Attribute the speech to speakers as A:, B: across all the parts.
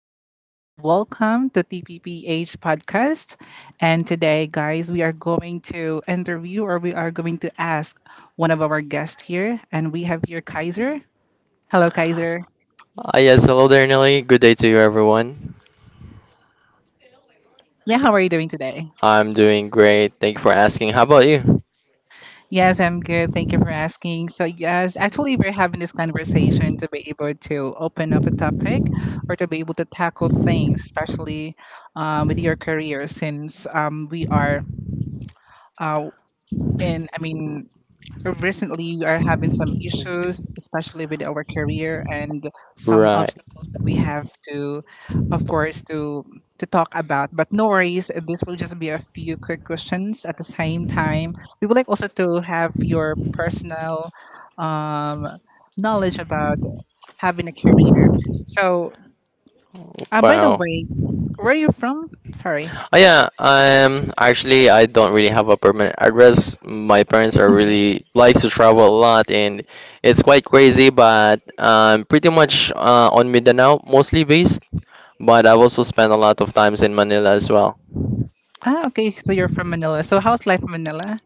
A: is Nelly, and welcome to TPPH podcast. And today, guys, we are going to interview or we are going to ask one of our guests here, and we have here Kaiser. Hello, Kaiser.
B: Yes, Hello there, Nelly. Good day to you, everyone.
A: Yeah, how are you doing today?
B: I'm doing great. Thank you for asking. How about you?
A: Yes, I'm good. Thank you for asking. So, yes, actually, we're having this conversation to be able to open up a topic or to be able to tackle things, especially with your career, since we are uh, in, I mean, recently we are having some issues, especially with our career and some
B: Right.
A: obstacles that we have to, of course, to talk about. But no worries, this will just be a few quick questions at the same time. We would like also to have your personal um, knowledge about having a career. So, by the
B: Wow.
A: way, where are you from? Sorry.
B: Oh, yeah. Actually, I don't really have a permanent address. My parents are really likes to travel a lot, and it's quite crazy. But I'm pretty much on Mindanao, mostly based. But I've also spent a lot of times in Manila as well.
A: Ah, okay. So you're from Manila. So how's life in Manila?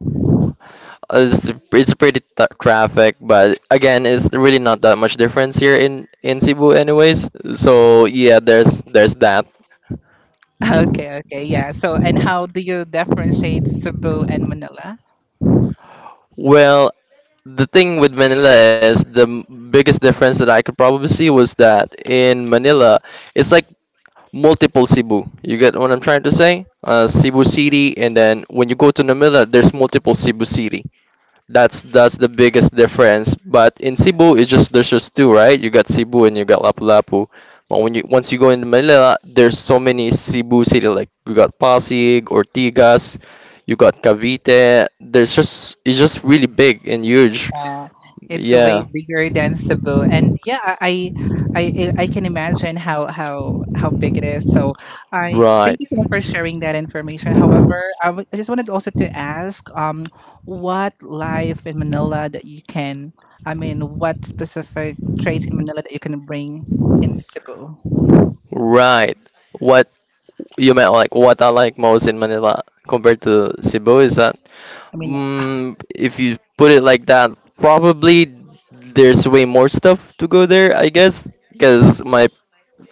B: It's pretty traffic, but again, it's really not that much difference here in Cebu, anyways. So yeah, there's that.
A: Okay, okay, yeah. So, and how do you differentiate Cebu and Manila?
B: Well, the thing with Manila is the biggest difference that I could probably see was that in Manila, it's like multiple Cebu. You get what I'm trying to say? Cebu City, and then when you go to Manila, there's multiple Cebu City. That's the biggest difference. But in Cebu, it's
A: Yes.
B: just there's just two, right? You got Cebu and you got Lapu-Lapu. But when you once you go into Manila, there's so many Cebu city. Like you got Pasig, Ortigas, you got Cavite. There's just it's just really big and huge.
A: Uh, it's way
B: Yeah,
A: bigger than Cebu, and yeah, I can imagine how big it is. So, I thank
B: right,
A: you so much for sharing that information. However, I just wanted also to ask, what life in Manila that you can, I mean, what specific traits in Manila that you can bring in Cebu?
B: right. What you meant like what I like most in Manila compared to Cebu is that?
A: I mean,
B: If you put it like that, probably there's way more stuff to go there, I guess, because my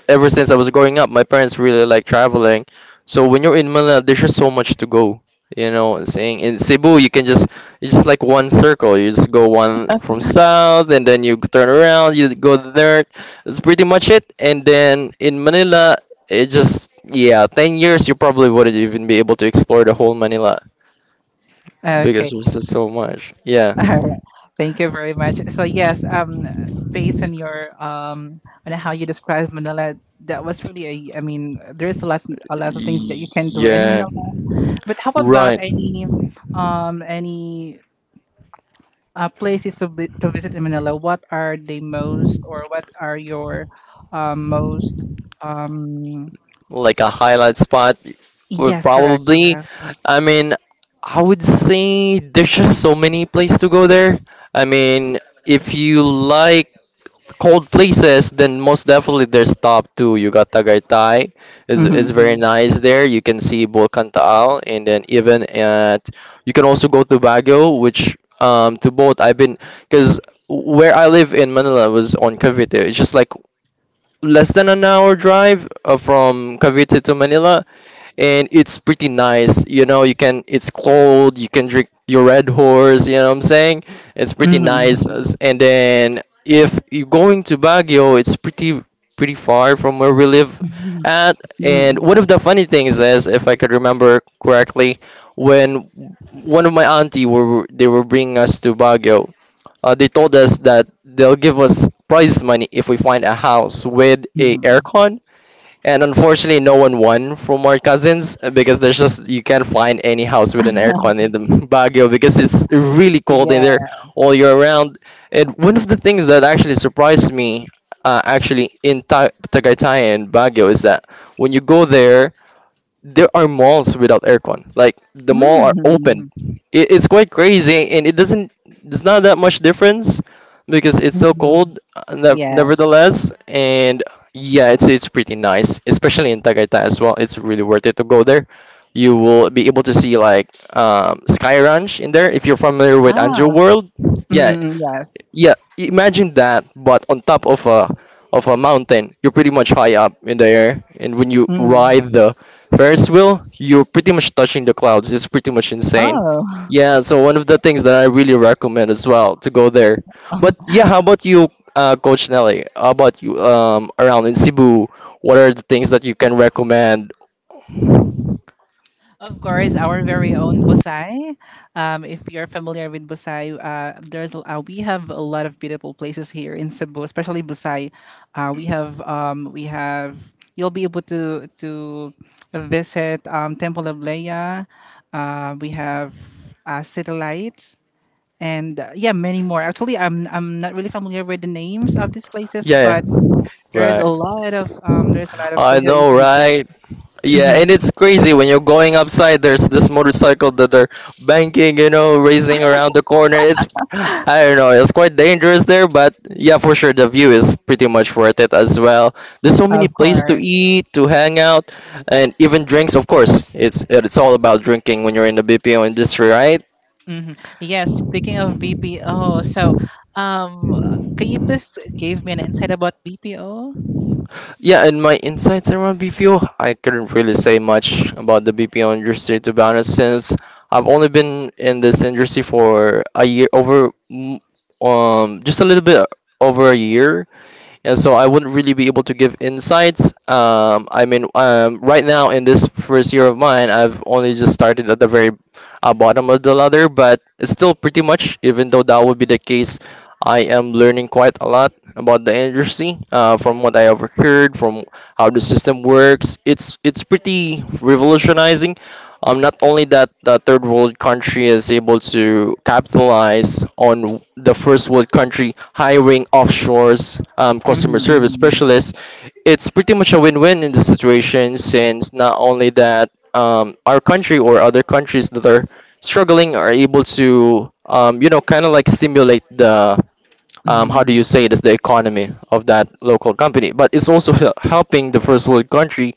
B: ever since I was growing up, my parents really like traveling. So when you're in Manila, there's just so much to go. You know, saying in Cebu, you can just it's just like one circle. You just go one from south, and then you turn around, you go north. That's pretty much it. And then in Manila, it just yeah, 10 years you probably wouldn't even be able to explore the whole Manila because
A: okay.
B: there's just so much. Yeah.
A: All right. Thank you very much. So yes, based on your on how you described Manila, that was really a. I mean, there's a lot of things that you
B: Y-
A: can do in
B: Yeah.
A: Manila. But how about
B: Right.
A: any places to visit in Manila? What are the most, or what are your, most, um.
B: Like a highlight spot would
A: Yes, correct.
B: probably,
A: Yeah.
B: I mean, I would say there's just so many places to go there. I mean, if you like cold places, then most definitely there's top two. You got Tagaytay, is
A: Mm-hmm.
B: very nice there. You can see Bulkan Taal, and then even at you can also go to Baguio, which to both I've been because where I live in Manila was on Cavite. It's just like less than an hour drive from Cavite to Manila and it's pretty nice. You know, you can it's cold, you can drink your Red Horse, you know what I'm saying? It's pretty nice.
A: Mm-hmm.
B: And then if you're going to Baguio, it's pretty far from where we live at. And one
A: Mm-hmm.
B: of the funny things is, if I could remember correctly, when one of my auntie were they were bringing us to Baguio, they told us that they'll give us prize money if we find a house with a aircon and unfortunately, no one won from our cousins because there's just you can't find any house with an aircon in the Baguio because it's really cold in there
A: Yeah.
B: all year round. And one of the things that actually surprised me, actually in Tagaytay and Baguio, is that when you go there, there are malls without aircon. Like the mall are
A: Mm-hmm.
B: open. It's quite crazy, and it doesn't. It's not that much difference because it's so
A: Mm-hmm.
B: cold.
A: Yes.
B: Nevertheless, and yeah, it's pretty nice, especially in Tagaytay as well. It's really worth it to go there. You will be able to see like Sky Ranch in there if you're familiar with
A: Ah,
B: Angel World. Yeah,
A: mm, yes.
B: yeah, imagine that, but on top of a mountain, you're pretty much high up in the air, and when you
A: Mm.
B: ride the Ferris wheel, you're pretty much touching the clouds. It's pretty much insane.
A: Oh.
B: Yeah, so one of the things that I really recommend as well to go there. But yeah, how about you, Coach Nelly? How about you around in Cebu? What are the things that you can recommend?
A: Of course, our very own Busai. If you're familiar with Busai, there's we have a lot of beautiful places here in Cebu, especially Busai. We have you'll be able to visit Temple of Leia. We have Satellite and yeah, many more. Actually, I'm not really familiar with the names of these places,
B: Yeah,
A: but
B: yeah,
A: there's a
B: right.
A: lot of there's a lot of
B: I
A: places that you
B: know,
A: can visit.
B: right? Yeah,
A: Hmm.
B: and it's crazy when you're going upside. There's this motorcycle that they are banking, you know, racing around the corner. It's, I don't know, it's quite dangerous there, but yeah, for sure, the view is pretty much worth it as well. There's so many
A: Of
B: places to
A: course.
B: eat, to hang out, and even drinks. Of course, it's all about drinking when you're in the BPO industry, right?
A: Hmm. Yes. Speaking of BPO, so um, can you please give me an insight about BPO?
B: Yeah, and my insights around BPO, I couldn't really say much about the BPO industry to be honest, since I've only been in this industry for a year over, just a little bit over a year. Yeah, so I wouldn't really be able to give insights, I mean, right now in this first year of mine I've only just started at the very bottom of the ladder but it's still pretty much even though that would be the case I am learning quite a lot about the industry from what I overheard from how the system works. It's pretty revolutionizing, not only that, the third world country is able to capitalize on the first world country hiring offshores customer service
A: Mm-hmm.
B: specialists. It's pretty much a win-win in the situation since not only that our country or other countries that are struggling are able to, you know, kind of like stimulate the how do
A: Mm-hmm.
B: you say it is the economy of that local company, but it's also helping the first world country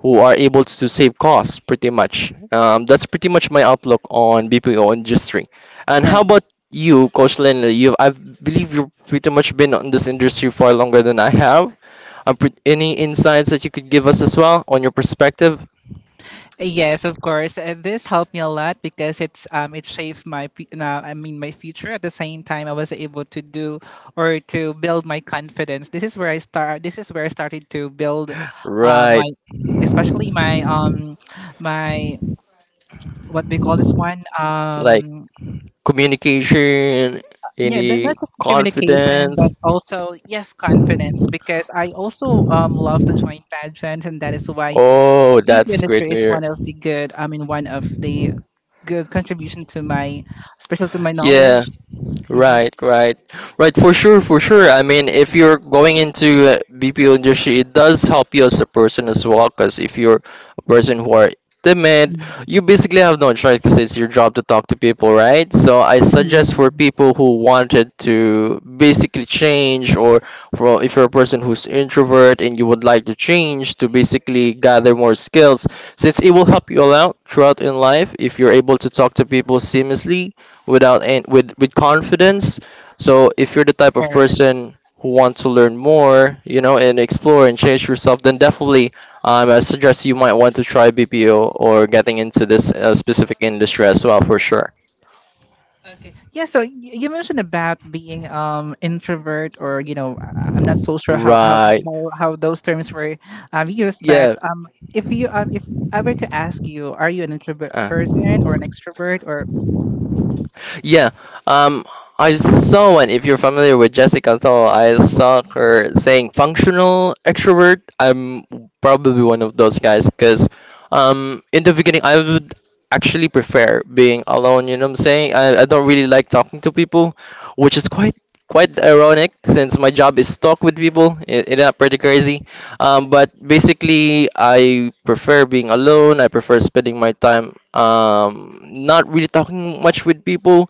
B: who are able to save costs pretty much. That's pretty much my outlook on BPO industry. And
A: Uh,
B: how about you, Coach Lynn? You, I believe you've pretty much been on this industry far longer than I have. Any insights that you could give us as well on your perspective?
A: yes, of course. This helped me a lot because it shaped I mean my future. At the same time, I was able to do or to build my confidence. This is where I start. This is where I started to build, my
B: Right.
A: especially my what we call this one,
B: Like
A: um,
B: communication,
A: yeah. That, not
B: any
A: just communication
B: confidence.
A: but also yes, confidence, because I also love to join pageants, and that is why
B: Oh,
A: beauty
B: that's great
A: industry is
B: to
A: one of the good, I mean, one of the
B: hear.
A: good contribution to my, especially to my
B: Yeah,
A: knowledge. Mhm.
B: right, right, right. For sure, for sure. I mean, if you're going into BPO industry, it does help you as a person as well. Because if you're a person who are timid, you basically have no choice because it's your job to talk to people, right? So I suggest for
A: Mhm.
B: people who wanted to basically change, or for if you're a person who's introvert and you would like to change, to basically gather more skills, since it will help you a lot throughout in life if you're able to talk to people seamlessly without with confidence. So if you're the type of person who wants to learn more, you know, and explore and change yourself, then definitely, I suggest you might want to try BPO or getting into this specific industry as well for sure.
A: Okay. Yeah. So you mentioned about being introvert, or you know, I'm not so sure how how
B: Right.
A: how, how those terms were used,
B: Yeah.
A: but um, if you um, if I were to ask you, are you an introvert
B: Uh.
A: person or an extrovert or?
B: Yeah. Um, I saw one. If you're familiar with Jessica Soul, I saw her saying functional extrovert. I'm probably one of those guys because, in the beginning, I would actually prefer being alone. You know what I'm saying? I don't really like talking to people, which is quite ironic since my job is talk with people. It's not pretty crazy. But basically, I prefer being alone. I prefer spending my time, not really talking much with people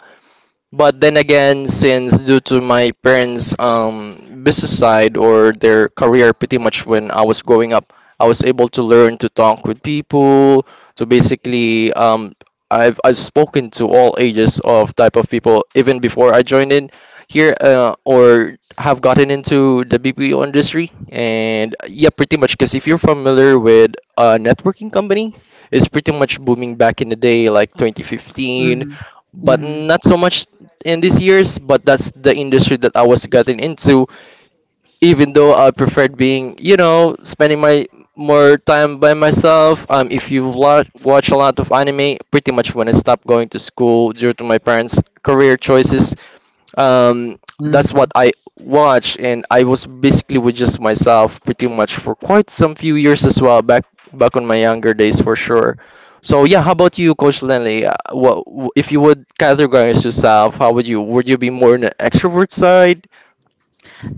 B: but then again, since due to my parents' business side or their career, pretty much when I was growing up, I was able to learn to talk with people. So basically, I've spoken to all ages of type of people even before I joined in here or have gotten into the BPO industry. And yeah, pretty much because if you're familiar with a networking company, it's pretty much booming back in the day, like 2015
A: Mm-hmm.
B: but not so much in these years, but that's the industry that I was gotten into. Even though I preferred being, you know, spending my more time by myself. If you watch a lot of anime, pretty much when I stopped going to school due to my parents' career choices, um that's what
A: Mm-hmm.
B: I watched and I was basically with just myself pretty much for quite some few years as well back on my younger days for sure. So yeah, how about you, Coach Lenley? What w- If you would categorize yourself how would you be more on the extrovert side?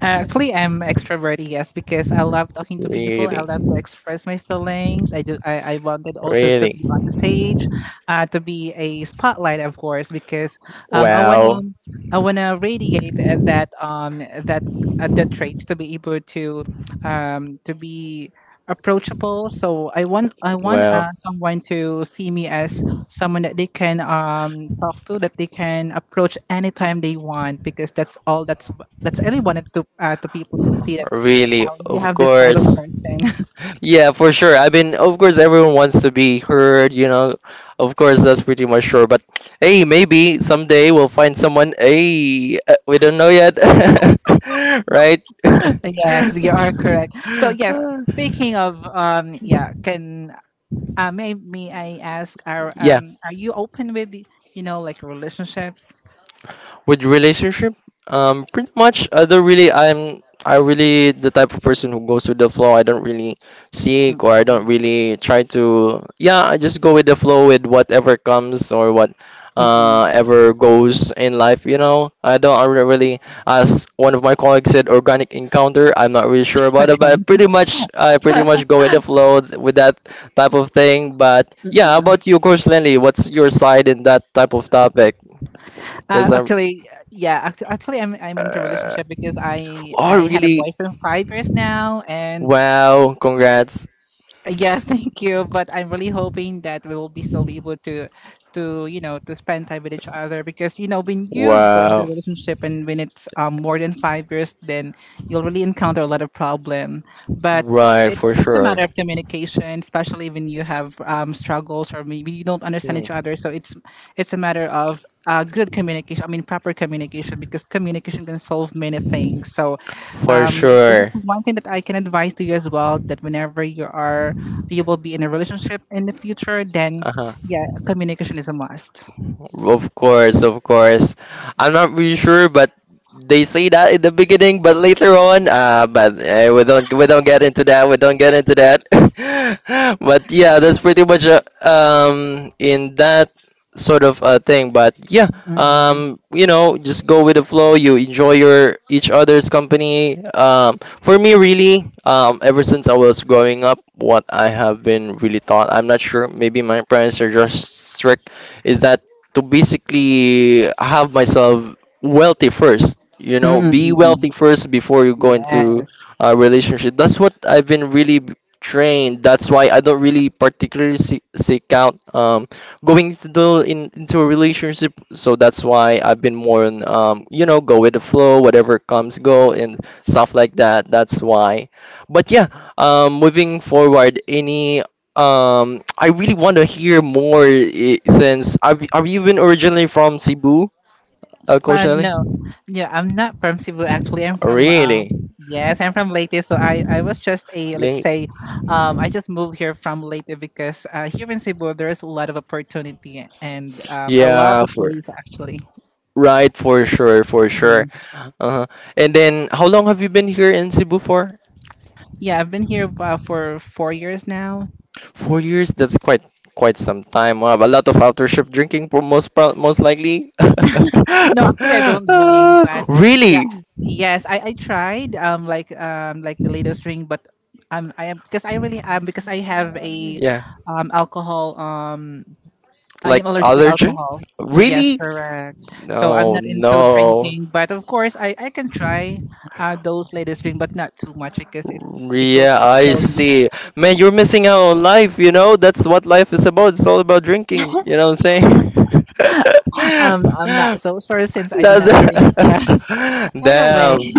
A: Actually, I'm extroverted, yes, because I love talking to people. I
B: Really,
A: love to express my feelings. I do. I wanted also to
B: really,
A: be on stage, to be a spotlight, of course, because um, I wanna
B: wow,
A: I wanna radiate that that traits to be able to be approachable. So I want
B: wow.
A: someone to see me as someone that they can talk to, that they can approach anytime they want, because that's all that's I really wanted to people to see that
B: Really,
A: you
B: of
A: have this type of
B: course.
A: person.
B: Yeah, for sure. I mean, of course, everyone wants to be heard, you know. Of course, that's pretty much sure. But hey, maybe someday we'll find someone. Hey, we don't know yet, right?
A: Yes, you are correct. So yes, speaking of yeah, can, may I ask,
B: Yeah.
A: are you open with you know, like, relationships?
B: With relationship, pretty much. I don't really. I'm. I really the type of person who goes with the flow. I don't really seek or I don't
A: Mm-mm.
B: really try to. Yeah, I just go with the flow with whatever comes or what
A: Mm-mm.
B: ever goes in life. You know, I don't. I don't really. As one of my colleagues said, organic encounter. I'm not really sure about it, but
A: Okay.
B: pretty much, I pretty much go with the flow with that type of thing. But yeah, how
A: Mm.
B: about you, Coach Lenny? What's your side in that type of topic? Because I'm.
A: Actually, yeah. Actually, I'm into
B: Uh,
A: relationship because I
B: oh,
A: I had a
B: really?
A: boyfriend 5 years now, and
B: Wow, congrats.
A: yes, thank you. But I'm really hoping that we will be still be able to you know, to spend time with each other because you know when you go into a
B: Wow.
A: relationship and when it's more than 5 years, then you'll really encounter a lot of problem. But
B: Right,
A: it,
B: for
A: it's a
B: sure.
A: matter of communication, especially when you have struggles or maybe you don't understand
B: Hmm.
A: each other. So it's a matter of good communication. I mean, proper communication, because communication can solve many things. So,
B: For
A: this
B: sure.
A: is one thing that I can advise to you as well, that whenever you are you will be in a relationship in the future, then
B: Uh.
A: yeah, communication is a must.
B: Of course, of course. I'm not really sure, but they say that in the beginning, but later on, but we don't get into that. We don't get into that. But yeah, that's pretty much in that sort of thing. But yeah,
A: Mm-hmm.
B: just go with the flow. You enjoy your each other's company. For me, really, ever since I was growing up, what I have been really taught, I'm not sure. Maybe my parents are just strict, is that to basically have myself wealthy first, you know, be
A: Mm-hmm.
B: wealthy first before you go into
A: Yes.
B: a relationship. That's what I've been really trained. That's why I don't really particularly seek out, going into, into a relationship. So that's why I've been more on, um, go with the flow, whatever comes, go, and stuff like that. That's why, but yeah, moving forward, any I really want to hear more, since are you even originally from Cebu, Coach Nelly?
A: No, yeah, I'm not from Cebu actually. I'm
B: Oh,
A: from
B: really?
A: yes, I'm from Leyte. So, I was just a let's
B: Link.
A: say, I just moved here from Leyte because here in Cebu there's a lot of opportunity and I love
B: Yeah,
A: the
B: for,
A: place actually.
B: right, for sure, for sure.
A: Mhm.
B: Uh-huh. And then how long have you been here in Cebu for?
A: Yeah, I've been here for 4 years now.
B: 4 years? That's quite some time. Wow, a lot of after shift drinking for most likely.
A: No, actually, I don't drink, but yeah,
B: Really?
A: yes, I tried like the latest drink, but I'm I am because I really am because I have a
B: Yeah.
A: alcohol, um, I
B: Like
A: am allergic with
B: allergen?
A: alcohol. Yes,
B: Really?
A: correct. So I'm
B: No,
A: not into
B: no.
A: drinking, but of course I can try those latest drink, but not too much because it could
B: Yeah, I
A: expose me.
B: see. Man, you're missing out on life, you know? That's what life is about. It's all about drinking, you know what I'm saying?
A: I'm not so sure since I do
B: That's
A: not drink, but anyway.
B: damn.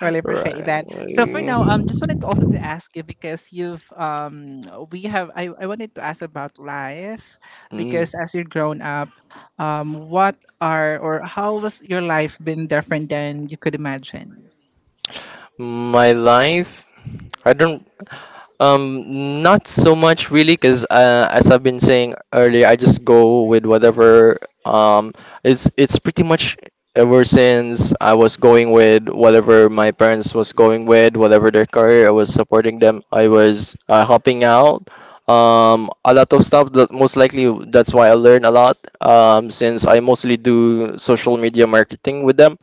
A: Really appreciate that. So for
B: Right.
A: now, just wanted to also to ask you because you've we have I wanted to ask about life
B: Mm.
A: because as you're grown up, what are, or how was your life been different than you could imagine?
B: My life? I don't. Um, not so much really, because as I've been saying earlier, I just go with whatever. Um, it's pretty much ever since I was going with whatever my parents was going with, whatever their career, I was supporting them. I was helping out. A lot of stuff that most likely, that's why I learn a lot. Since I mostly do social media marketing with them.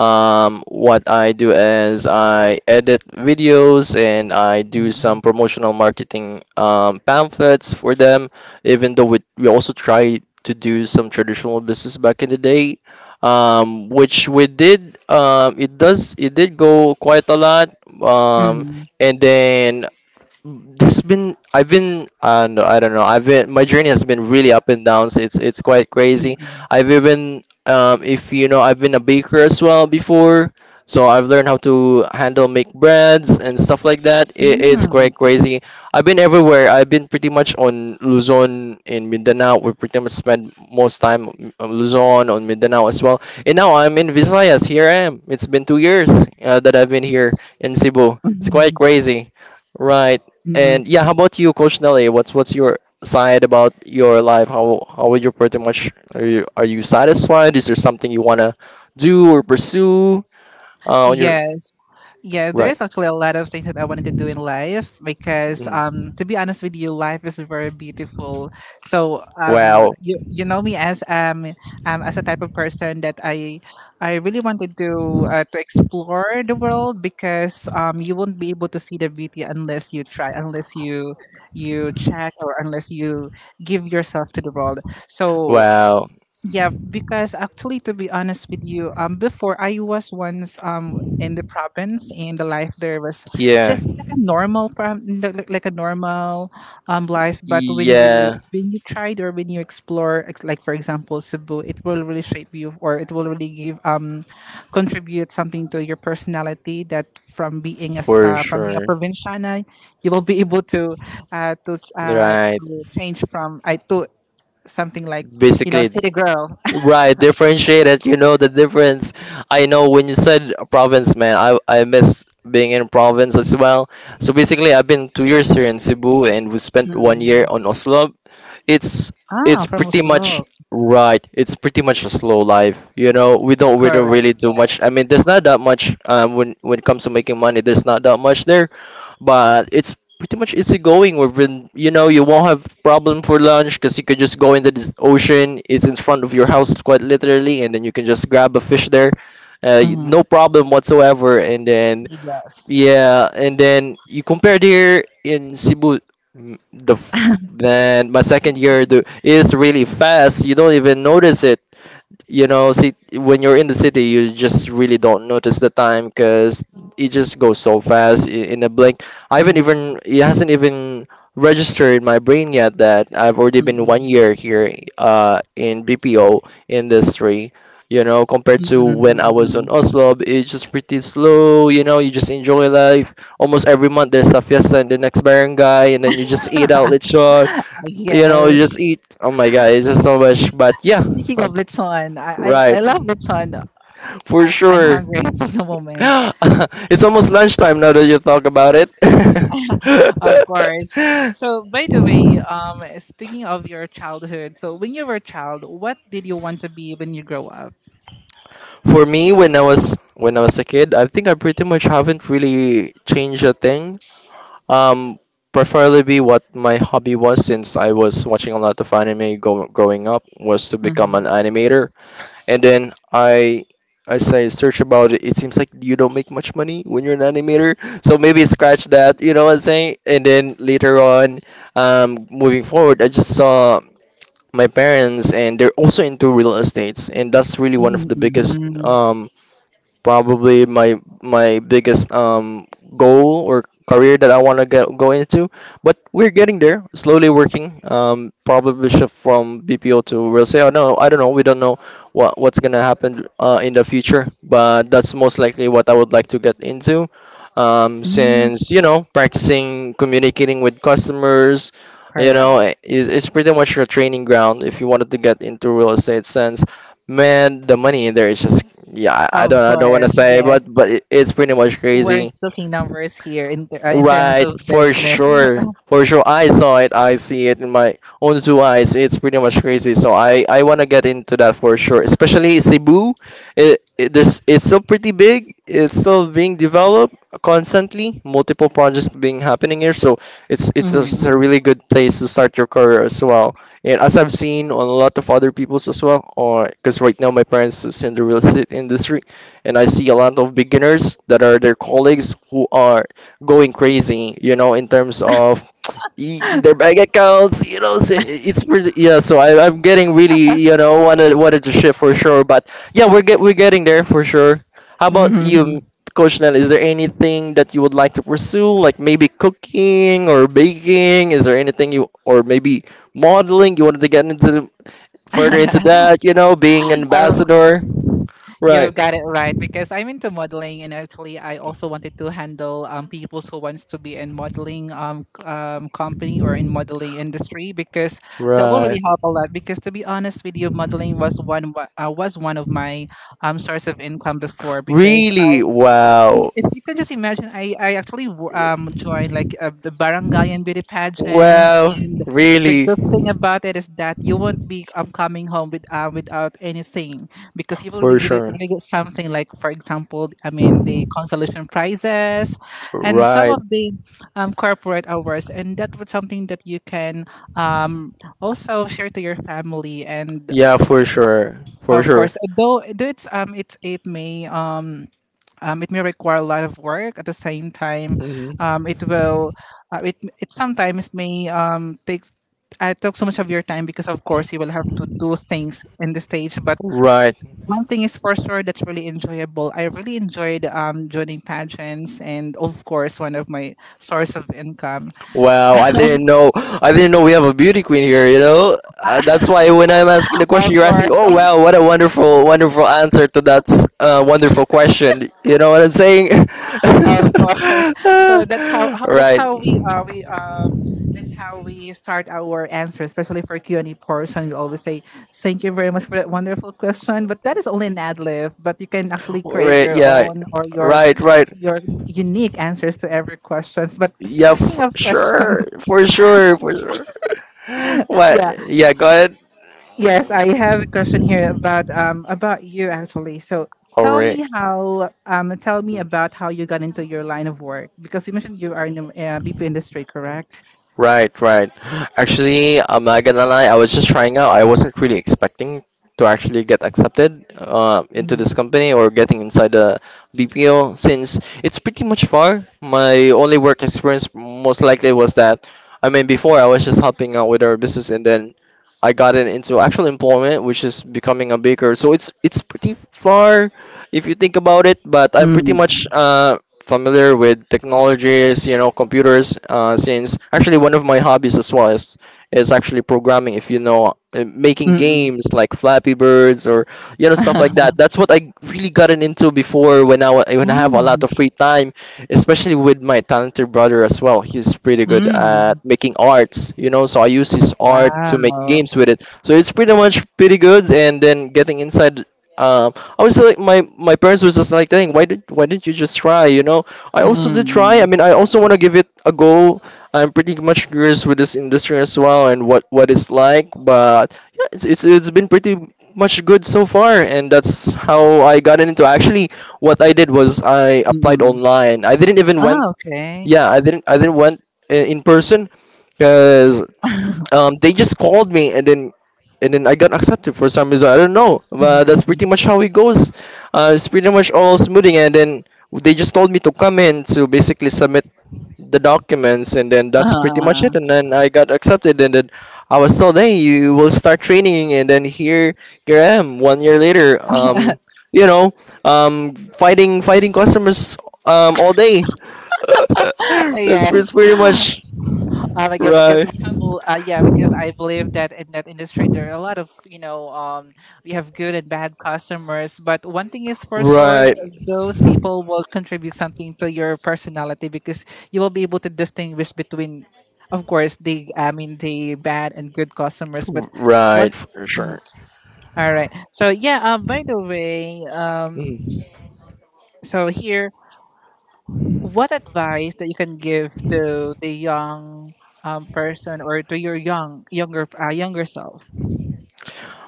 B: What I do is I edit videos and I do
A: Mm-hmm.
B: some promotional marketing pamphlets for them, even though we also try to do some traditional business back in the day, which we did. It did go quite a lot. Um, and then there's been I've been no, I don't know, I've been, my journey has been really up and downs. It's quite crazy.
A: Mm-hmm.
B: I've even, if you know, I've been a baker as well before, so I've learned how to handle, make breads and stuff like that. It's quite crazy. I've been everywhere. I've been pretty much on Luzon, in Mindanao. We pretty much spend most time on Luzon, on Mindanao as well, and now I'm in Visayas. Here I am, it's been 2 years that I've been here in Cebu. It's quite
A: Mm-hmm.
B: crazy. Right. And yeah, how about you, Coach Nelly? What's your side about your life? How would you pretty much, are you satisfied? Is there something you wanna do or pursue on your,
A: Yes. Yeah, there
B: right?
A: is actually a lot of things that I wanted to do in life, because
B: Mm.
A: um, to be honest with you, life is very beautiful. So um,
B: Wow,
A: you know me as a type of person that I really wanted to explore the world because um, you won't be able to see the beauty unless you try, unless you check or unless you give yourself to the world. So
B: wow,
A: yeah, because actually, to be honest with you, before I was once um, in the province, and the life there was
B: yeah,
A: just a normal, like like a normal life. But
B: yeah,
A: when you tried or when you explore, like for example, Cebu, it will really shape you, or it will really give um, contribute something to your personality. That from being as
B: for
A: from being a
B: sure.
A: provinciana, you will be able to
B: Right.
A: to change from I to something like, you know, a
B: Basically,
A: city girl.
B: right, differentiated, you know the difference. I know when you said province, man, I miss being in province as well. So basically, I've been 2 years here in Cebu and we spent 1 year
A: Mm.
B: on Oslo. It's
A: Ah,
B: it's
A: from
B: pretty much
A: Oslo.
B: right. It's pretty much a slow life. You know, we don't
A: Correct,
B: really do much.
A: yes.
B: I mean, there's not that much when it comes to making money, there's not that much there, but it's pretty much easygoing. We've been, you know, you won't have problem for lunch because you could just go into the ocean. It's in front of your house, quite literally, and then you can just grab a fish there.
A: Mhm.
B: No problem whatsoever. And then
A: Yes.
B: yeah, and then you compared here in Cebu. mm, The f- then my second year do is really fast. You don't even notice it. You know, see, when you're in the city, you just really don't notice the time because it just goes so fast, in a blink. I haven't
A: Mm,
B: even it hasn't even registered in my brain yet that I've already been one
A: mm,
B: year here in BPO industry. You know, compared
A: mm,
B: to when I was on
A: mm.
B: Oslo, it's just pretty slow. You know, you just enjoy life. Almost every month there's a fiesta in the next barangay, and then you just eat out lechon.
A: Ah,
B: You know, you
A: yes.
B: just eat, oh my god, it's just so much. But yeah.
A: Speaking of lechon,
B: Right.
A: I love lechon.
B: For
A: I'm
B: sure.
A: hungry as of the moment,
B: It's almost lunchtime now that you talk about it.
A: of course. So, by the way, speaking of your childhood, so when you were a child, what did you want to be when you grow up?
B: For me, when I was a kid, I think I pretty much haven't really changed a thing. Um, preferably what my hobby was, since I was watching a lot of anime go growing up, was to become
A: Mm-hmm.
B: an animator. And then I, as I search about it, it seems like you don't make much money when you're an animator. So maybe scratch that, you know what I'm saying? And then later on, moving forward, I just saw my parents, and they're also into real estates, and that's really one of the biggest
A: Mm-hmm.
B: probably my biggest goal or career that I want to get go into. But we're getting there, slowly working. Probably shift from BPO to real estate. I know, I don't know, we don't know what's gonna happen in the future, but that's most likely what I would like to get into. Since, you know, practicing communicating with customers, you know,
A: Correct.
B: is pretty much your training ground if you wanted to get into real estate. Since, man, the money in there is just, yeah,
A: Of
B: I don't want to
A: course,
B: say, but
A: yes.
B: it's pretty much
A: We're
B: crazy.
A: talking numbers here in terms
B: Right,
A: of
B: for
A: business.
B: sure. For sure, I saw it. I see it in my own two eyes. It's pretty much crazy. So I want to get into that for sure. Especially Cebu, it's still pretty big. It's still being developed constantly. Multiple projects being happening here. So
A: Mhm,
B: it's a
A: mhm.
B: really good place to start your career as well. And as I've seen on a lot of other people's as well, or because right now my parents is in the real estate industry, and I see a lot of beginners that are their colleagues who are going crazy, you know, in terms of their bank accounts, you know. So it's pretty, yeah. So I, I'm getting really, you know, wanted to shift for sure, but yeah, we're getting there for sure. How about you?
A: Mhm.
B: Coach Nell, is there anything that you would like to pursue, like maybe cooking or baking? Is there anything you, or maybe modeling? You wanted to get into, further into that, you know, being an
A: Oh,
B: ambassador,
A: you've
B: right?
A: got it right because I'm into modeling and actually I also wanted to handle um, people who wants to be in modeling company or in modeling industry, because that will
B: Right.
A: really help a lot because to be honest with you modeling was was one of my source of income before because
B: Really? Wow.
A: If you can just imagine, I actually joined like the barangay and beauty pageants,
B: Wow.
A: and the
B: Really?
A: good thing about it is that you won't be um, coming home with um, without anything because you will
B: For sure.
A: really get something like for example, I mean the consolation prizes, and some
B: Right.
A: of the corporate awards, and that was something that you can um, also share to your family and.
B: Yeah, for sure. For
A: Of
B: sure.
A: course, though it's um, it's it may require a lot of work at the same time it
B: Mhm.
A: will it it sometimes may take I took so much of your time because of course you will have to do things in the stage, but
B: Right.
A: one thing is for sure, that's really enjoyable. I really enjoyed joining pageants, and of course one of my source of income
B: Wow, I didn't know. I didn't know we have a beauty queen here, you know? That's why when I'm asking the question,
A: of
B: you're asking,
A: course.
B: "Oh, wow, what a wonderful, wonderful answer to that wonderful question." You know what I'm saying?
A: Of course. So that's how that's
B: Right.
A: how we that's how we start our answer, especially for Q and A portion. We always say thank you very much for that wonderful question. But that is only an ad lib. But you can actually create
B: Right,
A: your
B: yeah.
A: own or your
B: Right, right.
A: your unique answers to every questions. But
B: Yeah,
A: speaking
B: for
A: of
B: sure.
A: questions,
B: For sure. For sure.
A: yeah.
B: What? Yeah, go ahead.
A: Yes, I have a question here about about you actually. So
B: All
A: tell
B: right.
A: me how tell me about how you got into your line of work because you mentioned you are in the BP industry, correct?
B: Right, right. Actually, I'm not gonna lie. I was just trying out. I wasn't really expecting to actually get accepted into this
A: Mm.
B: company, or getting inside the BPO, since it's pretty much far. My only work experience most likely was that, I mean, before I was just helping out with our business, and then I got it into actual employment, which is becoming a baker. So it's pretty far if you think about it. But I'm pretty much
A: Mm.
B: familiar with technologies, you know, computers. Since actually one of my hobbies as well is actually programming. If you know, making
A: Mm.
B: games like Flappy Birds or, you know, stuff like that. That's what I really gotten into before, when when I have a lot
A: Mm.
B: of free time, especially with my talented brother as well. He's pretty good at
A: Mm.
B: making arts, you know. So I use his art to make
A: Wow.
B: games with it. So it's pretty much pretty good. And then getting inside. Uh, I was like, my parents was just like, dang, why didn't you just try? You know, I also did try.
A: Mm.
B: I mean, I also want to give it a go. I'm pretty much curious with this industry as well and what it's like. But yeah, it's been pretty much good so far, and that's how I got into. Actually, what I did was I applied
A: Mm.
B: online. I didn't even went,
A: Oh, okay.
B: yeah, I didn't went in person because they just called me and then I got accepted for some reason. I don't know, but that's pretty
A: Mm-mm.
B: much how it goes. It's pretty much all smoothing, and then they just told me to come in to basically submit the documents, and then that's pretty much it.
A: Uh,
B: And then I got accepted, and then I was told, "Hey, you will start training," and then here, here I am, 1 year later. You know, fighting customers all day. That's
A: yes.
B: pretty much.
A: Because
B: Right.
A: we have, yeah, because I believe that in that industry there are a lot of we have good and bad customers. But one thing is for sure,
B: Right.
A: those people will contribute something to your personality because you will be able to distinguish between, of course, the I mean the bad and good customers. But one,
B: Right, for
A: mhm,
B: sure.
A: all right. So yeah. Um, by the way. Um, so here what advice that you can give to the young person or to your younger self?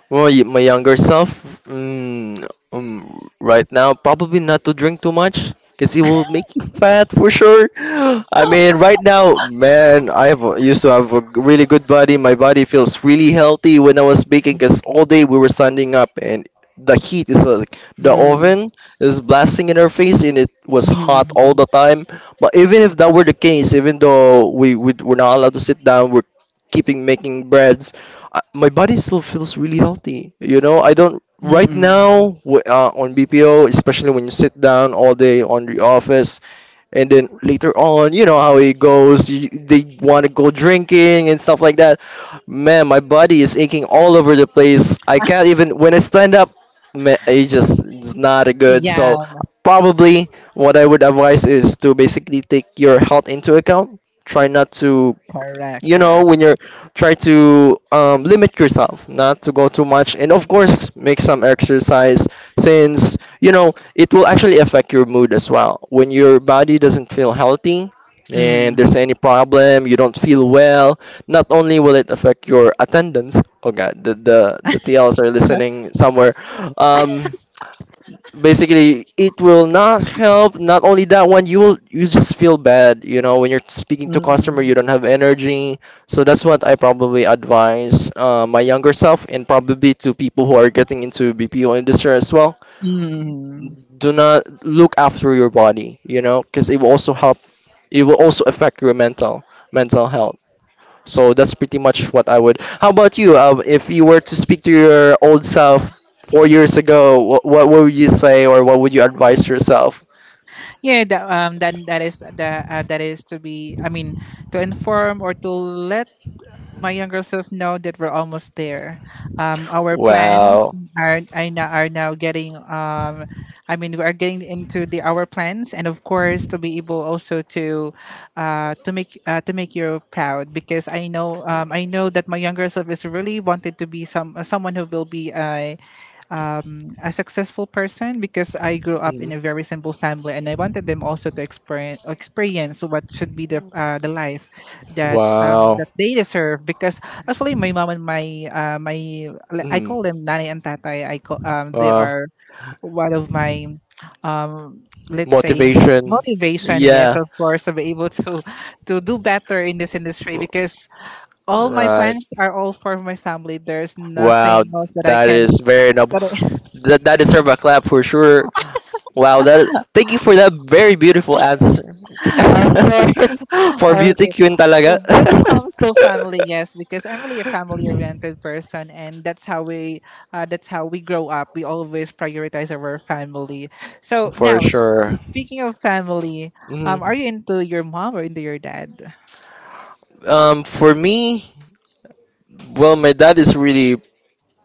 B: Well, my younger self, mm, um, right now, probably not to drink too much because it will make you fat for sure. I mean, right now, man, I have used to have a really good body. My body feels really healthy when I was baking because all day we were standing up and the heat is like the
A: Mm,
B: oven is blasting in our face and it was hot all
A: mm,
B: the time. But even if that were the case, even though we were not allowed to sit down, we're keeping making breads. My body still feels really healthy. You know, I don't right
A: mm, mm.
B: now on BPO, especially when you sit down all day on the office, and then later on, you know how it goes. You, they want to go drinking and stuff like that. Man, my body is aching all over the place. I can't even when I stand up. Man, it just it's not a good.
A: Yeah,
B: So probably what I would advise is to basically take your health into account. Try not to,
A: correct,
B: you know,
A: correct.
B: when you're, try to limit yourself not to go too much and of course make some exercise since you know it will actually affect your mood as well when your body doesn't feel healthy and there's
A: Mm.
B: any problem you don't feel well. Not only will it affect your attendance, oh god, the tls are
A: Okay.
B: listening somewhere. um Basically it will not help, not only that one, you will, you just feel bad, you know, when you're speaking to customer you
A: Mm.
B: don't have energy. So that's what I probably advise my younger self and probably to people who are getting into BPO industry as well.
A: Mm.
B: Do not look after your body, you know, because it will also help, it will also affect your mental health. So that's pretty much what I would. How about you? If you were to speak to your old self 4 years ago, what would you say or what would you advise yourself?
A: Yeah, that then that is the that is to be. I mean, to inform or to let my younger self know that we're almost there. Our plans
B: Wow.
A: are now getting. I mean, we are getting into the our plans, and of course, to be able also to, to make you proud because I know that my younger self is really wanted to be someone who will be a successful person because I grew up in
B: Mhm.
A: a very simple family, and I wanted them also to experience what should be the life
B: Wow.
A: that they deserve. Because actually, my mom and my I
B: Mm.
A: call them nanny and tatay. I call They
B: Wow.
A: are one of my um, let's say
B: Motivation.
A: motivation. Yes,
B: Yeah.
A: of course, to be able to do better in this industry
B: R-
A: because all my
B: Right.
A: plans are all for my family. There's nothing
B: Wow,
A: else that I
B: that
A: can.
B: is very noble.
A: But
B: That deserves a clap for sure. Wow, that thank you for that very beautiful answer.
A: of course.
B: for beauty
A: Okay.
B: queen talaga.
A: When it comes to family, yes, because I'm really a family-oriented person, and that's how we grow up. We always prioritize our family. So
B: for
A: now,
B: sure.
A: speaking of family,
B: Mhm.
A: are you into your mom or into your dad?
B: For me, well, my dad is really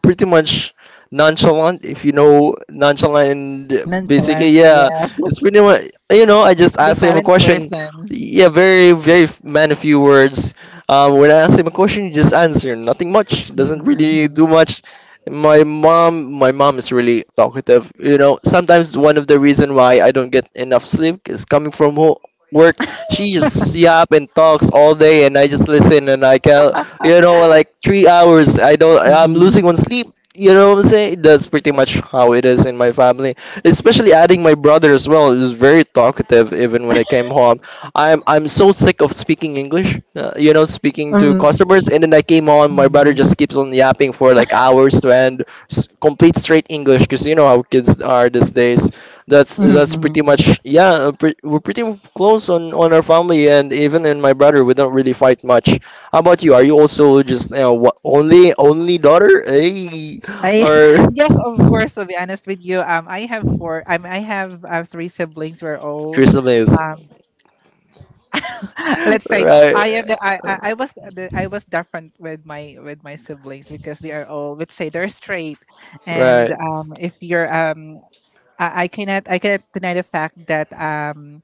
B: pretty much nonchalant if you know nonchalant and
A: Nonchalant,
B: basically yeah
A: yes,
B: it's pretty much, you know, I just
A: the
B: asked him a
A: silent
B: question,
A: person.
B: yeah, very very man a few words. When I ask him a question he just answer nothing much, doesn't really
A: Mm-mm-mm.
B: do much. My mom is really talkative, you know, sometimes one of the reason why I don't get enough sleep is coming from work. She just yap and talks all day and I just listen and I can, you know, like 3 hours. I don't. I'm losing
A: Mm-mm.
B: one sleep. You know what I'm saying? That's pretty much how it is in my family. Especially adding my brother as well. He was very talkative even when I came home. I'm so sick of speaking English. You know, speaking to
A: Mm-mm.
B: customers, and then I came home. My brother
A: Mm-mm.
B: just keeps on yapping for like hours to end. Complete straight English, because you know how kids are these days. That's pretty
A: Mm-mm.
B: much yeah. We're pretty close on our family, and even in my brother, we don't really fight much. How about you? Are you also just, you know, what, only daughter? Hey,
A: I
B: or
A: yes, of course. To be honest with you, I have four. I mean, I have three siblings. We're all
B: Crystal Maze?
A: um, let's say
B: Right.
A: I am the I was the I was different with my siblings because they are all let's say they're straight, and
B: Right.
A: if you're I cannot deny the fact that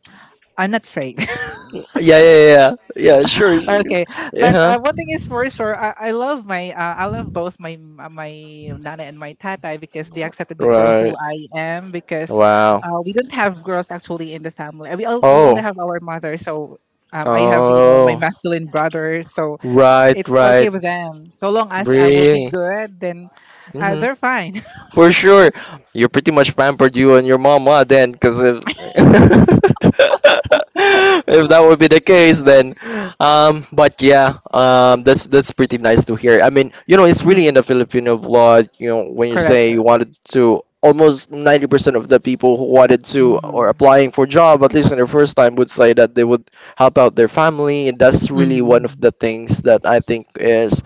A: I'm not straight.
B: Yeah, yeah, yeah. Yeah, sure, sure.
A: Okay, but
B: Yeah.
A: one thing is for sure, I love my I love both my nana and my tata because they accepted me for who
B: Right.
A: I am because
B: Wow.
A: we don't have girls actually in the family. We only
B: Oh.
A: have our mother, so I have you know my
B: Oh,
A: masculine brother, so
B: right,
A: it's okay
B: right.
A: with them so long as I will be
B: Really?
A: good, then
B: Hmm.
A: they're fine.
B: For sure. You're pretty much pampered, you and your mama, then, because if, if that would be the case, then, but yeah, that's pretty nice to hear. I mean, you know, it's really in
A: Mhm.
B: the Filipino blood, you know, when you
A: Correct.
B: say you
A: Correct.
B: wanted to, almost 90% of the people who wanted to or
A: Mhm.
B: applying for job, at least in their first time, would say that they would help out their family. And that's really one of
A: Mhm.
B: the things that I think is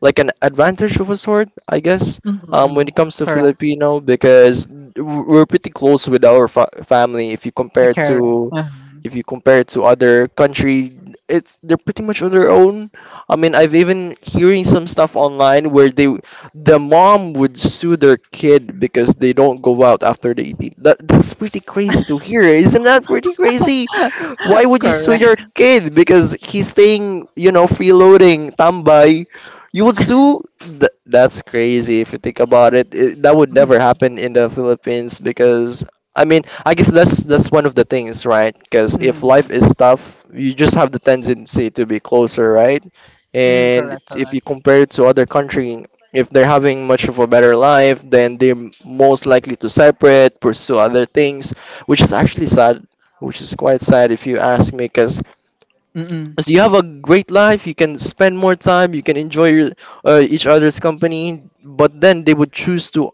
B: like an advantage of a sort, I guess, when it
A: Mhm.
B: comes to
A: Correct.
B: Filipino, because we're pretty close with our fa family if you compare
A: Correct.
B: to.
A: Mhm.
B: If you compare to other country, it's they're pretty much on their own. I mean, I've even hearing some stuff online where they the mom would sue their kid because they don't go out after they eat. That's pretty crazy to hear. Isn't that pretty crazy? Why would you sue your
A: Correct.
B: kid because he's staying, you know, freeloading, tambay? You would sue? That's crazy if you think about it. That would never
A: Mhm.
B: happen in the Philippines because, I mean, I guess that's one of the things, right? Because if life
A: Mhm.
B: is tough, you just have the tendency to be closer, right?
A: Mm,
B: And
A: correct,
B: it's, if you
A: correct.
B: compare it to other country, if they're having much of a better life, then they're most likely to separate, pursue other things, which is actually sad, which is quite sad if you ask me, because
A: Mm-mm.
B: you have a great life, you can spend more time, you can enjoy your, each other's company, but then they would choose to,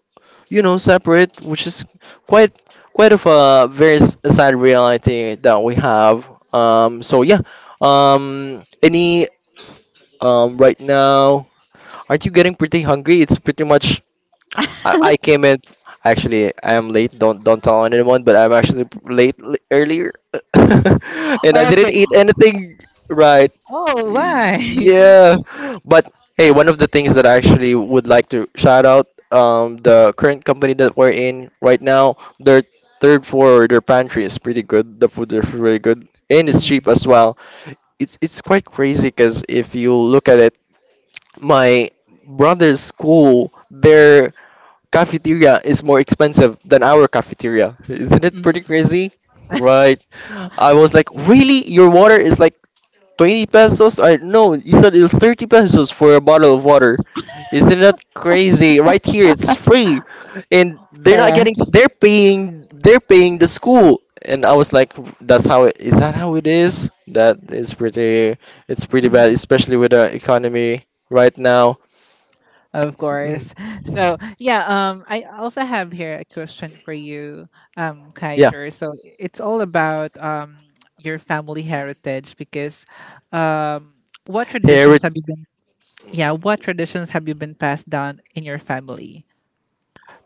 B: you know, separate, which is quite, quite of a very sad reality that we have. So yeah any Right now, aren't you getting pretty hungry? It's pretty much, I came in, actually I am late, don't tell anyone, but I'm actually earlier and I didn't
A: Okay.
B: eat anything, right?
A: Oh, why?
B: Yeah, but hey, one of the things that I actually would like to shout out, the current company that we're in right now, their third floor, their pantry is pretty good, the food is really good and it's cheap
A: Mm-hmm.
B: as well. It's quite crazy because if you look at it, my brother's school, their cafeteria is more expensive than our cafeteria. Isn't it pretty
A: Mm-hmm.
B: crazy? Right. I was like, really? Your water is like 20 pesos? Or no, you said it was 30 pesos for a bottle of water. Isn't that crazy? Right here, it's free. And they're not
A: Correct.
B: getting, they're paying the school. And I was like, that's how it, is that how it is? That is pretty, it's pretty bad,
A: Mhm.
B: especially with the economy right now.
A: Of
B: Mm,
A: course. So yeah, I also have here a question for you,
B: yeah.
A: Kaiser. So it's all about your family heritage because, um, what
B: Here
A: traditions have you been? Yeah, what traditions have you been passed down in your family?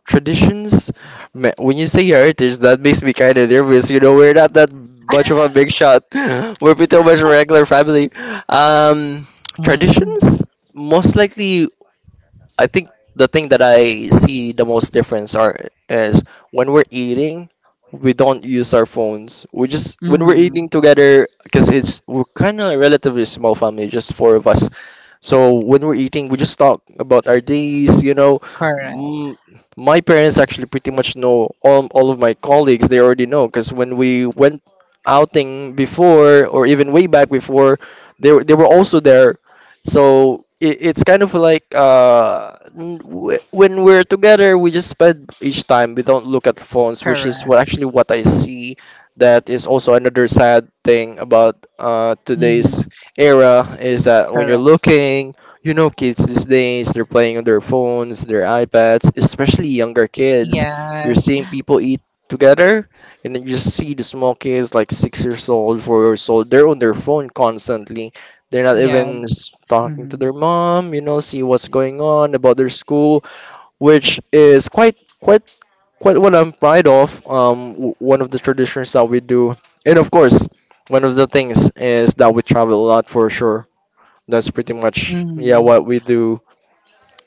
B: traditions. When you say heritage that makes me kind of nervous, you know, we're not that much of a big shot we're pretty much a regular family. um
A: Mm-hmm.
B: Traditions, most likely, I think the thing that I see the most difference are, is, when we're eating we don't use our phones, we just when we're
A: Mm-hmm.
B: eating together, because it's we're kind of a relatively small family, just four of us. So when we're eating, we just talk about our days, you know.
A: Correct,
B: Mm, my parents actually pretty much know all of my colleagues. They already know because when we went outing before or even way back before, they were also there. So it, it's kind of like when we're together we just spend each time, we don't look at phones, which is
A: correct.
B: what actually what I see, that is also another sad thing about
A: Mm-hmm.
B: today's era is that when you're
A: Correct.
B: looking, you know, kids these days they're playing on their phones, their iPads, especially younger kids, you're
A: Yes,
B: seeing people eat together, and then you just see the small kids, like 6 years old, 4 years old, they're on their phone constantly. They're not
A: yeah.
B: even talking to their mom, you know, see what's going on about their school, which is quite, quite, quite what I'm proud of. One of the traditions that we do, and of course, one of the things is that we travel a lot for sure. That's pretty much yeah
A: Mm.
B: what we do,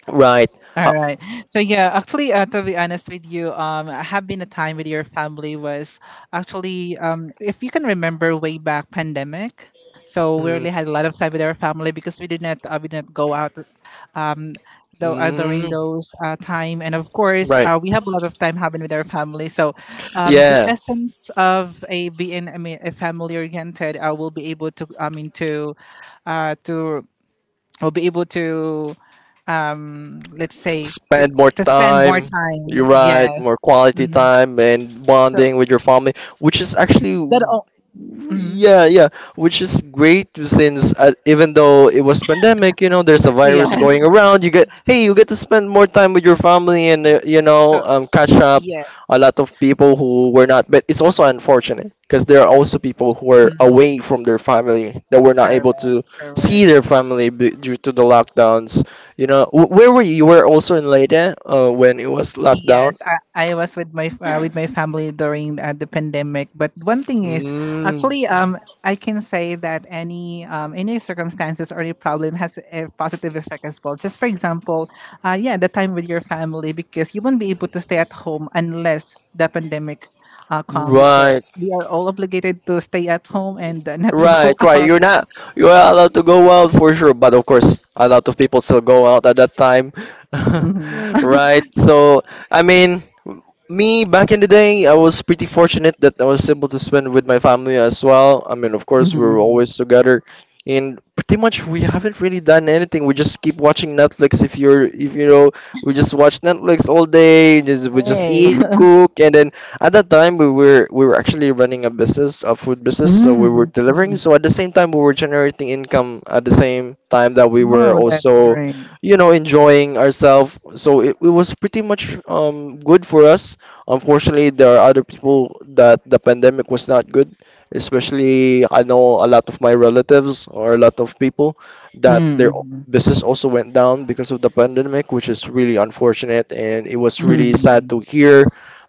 B: right?
A: All
B: How,
A: right. So yeah, actually, to be honest with you, I have been a time with your family was actually, if you can remember way back pandemic. So we
B: mm,
A: really had a lot of time with our family because we did not go out, um, though during
B: mm,
A: those time, and of course
B: right?
A: we have a lot of time having with our family. So, the
B: Yeah.
A: essence of a being I mean a family oriented, I will be able to I mean to we will be able to let's say
B: Spend more
A: to spend more
B: time,
A: time
B: you're right, more
A: yes,
B: quality
A: hmm,
B: time and
A: so
B: bonding with your family, which is actually
A: but oh, mhm,
B: yeah, yeah, which is great since even though it was pandemic, you know, there's a virus going
A: yes
B: around. You get hey, you get to spend more time with your family and
A: so
B: catch up
A: yeah
B: a lot of people who were not. But it's also unfortunate because there are also people who are
A: mhm,
B: away from their family that were not
A: correct,
B: able to
A: correct.
B: see their family due to the lockdowns. You know, where were you? You were also in Leyte when it was locked down?
A: Yes, I was with my family during the pandemic. But one thing is,
B: Mm,
A: actually, I can say that any circumstances or any problem has a positive effect as well. Just for example, yeah, the time with your family because you won't be able to stay at home unless the pandemic come
B: right.
A: because we are all obligated to stay at home and not to go
B: Right, right. You're
A: out.
B: not You are allowed to go out for sure, but of course, a lot of people still go out at that time.
A: Hmm,
B: Right. I mean, Me back in the day, I was pretty fortunate that I was able to spend with my family as well. I mean, of course, we were
A: hmm.
B: always together, and pretty much we haven't really done anything. We just keep watching Netflix. If you're, if you know, We just watch Netflix all day. Just We just
A: Hey.
B: eat, cook, and then at that time, we were actually running a business, a food business, so we were
A: Mm.
B: delivering.
A: Mm.
B: So at the same time, we were generating income at the same time that we were
A: Oh, that's
B: also,
A: great.
B: you know, enjoying ourselves. So it was pretty much good for us. Unfortunately, there are other people that the pandemic was not good, especially I know a lot of my relatives or a lot of people that their
A: Mm-hmm.
B: business also went down because of the pandemic, which is really unfortunate and it was really sad to hear,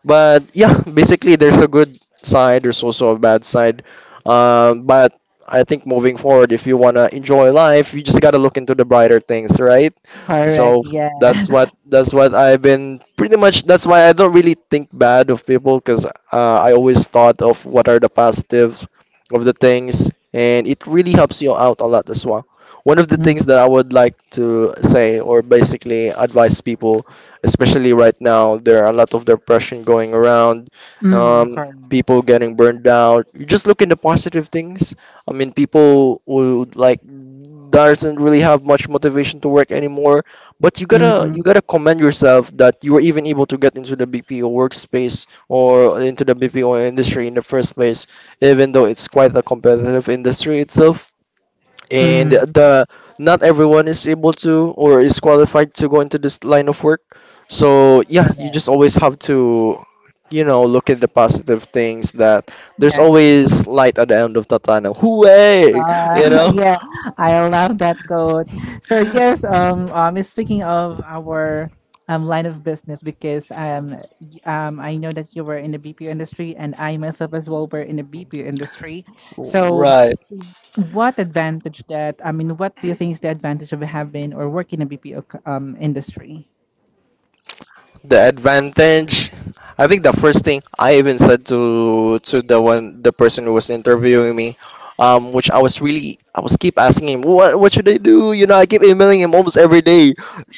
B: but yeah, basically, there's a good side. There's also a bad side. But I think moving forward, if you wanna enjoy life, you just gotta look into the brighter things, right?
A: Correct,
B: So
A: yeah.
B: that's what I've been pretty much. That's why I don't really think bad of people because I always thought of what are the positives of the things, and it really helps you out a lot as well. One of the things
A: Mhm,
B: that I would like to say, or basically advise people especially right now. There are a lot of depression going around,
A: mhm,
B: um, people
A: correct.
B: getting burned out. You just look in the positive things. I mean, people would like doesn't really have much motivation to work anymore. But you
A: Mhm,
B: gotta commend yourself that you were even able to get into the BPO workspace or into the BPO industry in the first place, even though it's quite a competitive industry itself and
A: mhm,
B: the not everyone is able to or is qualified to go into this line of work, so yeah, you just
A: correct.
B: always have to, you know, look at the positive things that there's
A: Yeah.
B: always light at the end of the tunnel, hooray, you
A: Uh,
B: know,
A: yeah, I love that quote. So yes, speaking of our line of business, because I know that you were in the BPO industry, and I myself as well were in the BPO industry. So,
B: right.
A: what advantage that? I mean, what do you think is the advantage of having or working in a BPO industry?
B: The advantage, I think the first thing I even said to the one the person who was interviewing me, which I was really, I was keep asking him what should I do, you know, I keep emailing him almost every day,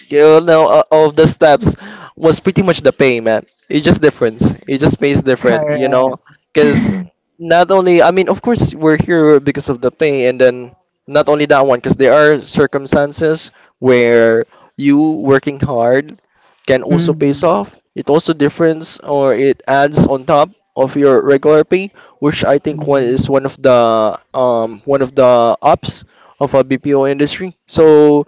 B: you know, all of the steps, was pretty much the pay, man. It just difference, it just pays different, you know,
A: Correct.
B: because not only, I mean, of course we're here because of the pay, and then not only that one, because there are circumstances where you working hard can also pays
A: Mhm.
B: off. It also difference or it adds on top of your regular pay, which I think one
A: Mhm.
B: is one of the ups of a BPO industry. So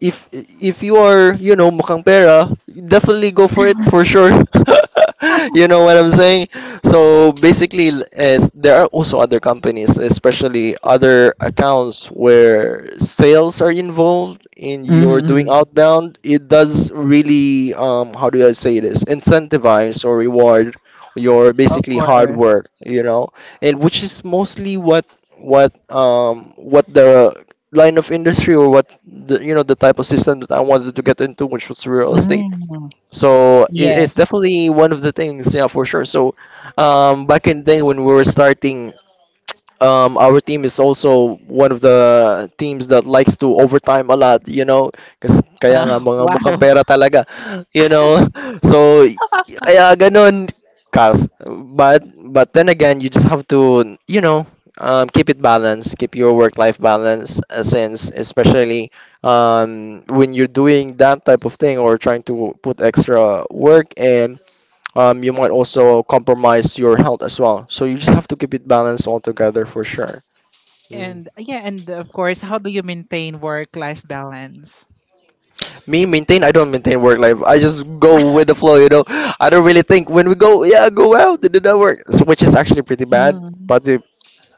B: if you are, you know, mukhang pera, definitely go for it for sure. You know what I'm saying? So basically, as there are also other companies, especially other accounts where sales are involved and you're doing
A: Mhm.
B: outbound, it does really, how do I say this, incentivize or reward your
A: Of
B: basically hard
A: course.
B: work, you know, and which is mostly what what the line of industry or what the, you know, the type of system that I wanted to get into, which was real estate.
A: Mm,
B: So it's
A: yes.
B: definitely one of the things, yeah, for sure. So back in the day when we were starting, our team is also one of the teams that likes to overtime a lot, you know, kasi kaya nga
A: Uh,
B: mga mukhang
A: wow.
B: pera talaga, you know. So kaya ganun kas but then again, you just have to, you know, keep it balanced, keep your work-life balance since especially when you're doing that type of thing or trying to put extra work in, you might also compromise your health as well. So you just have to keep it balanced altogether for sure. Mhm.
A: And yeah, and of course, how do you maintain work-life balance?
B: Me maintain? I don't maintain work life. I just go with the flow. You know, I don't really think when we go. Yeah, go out to do that work, so, which is actually pretty bad.
A: Mm,
B: But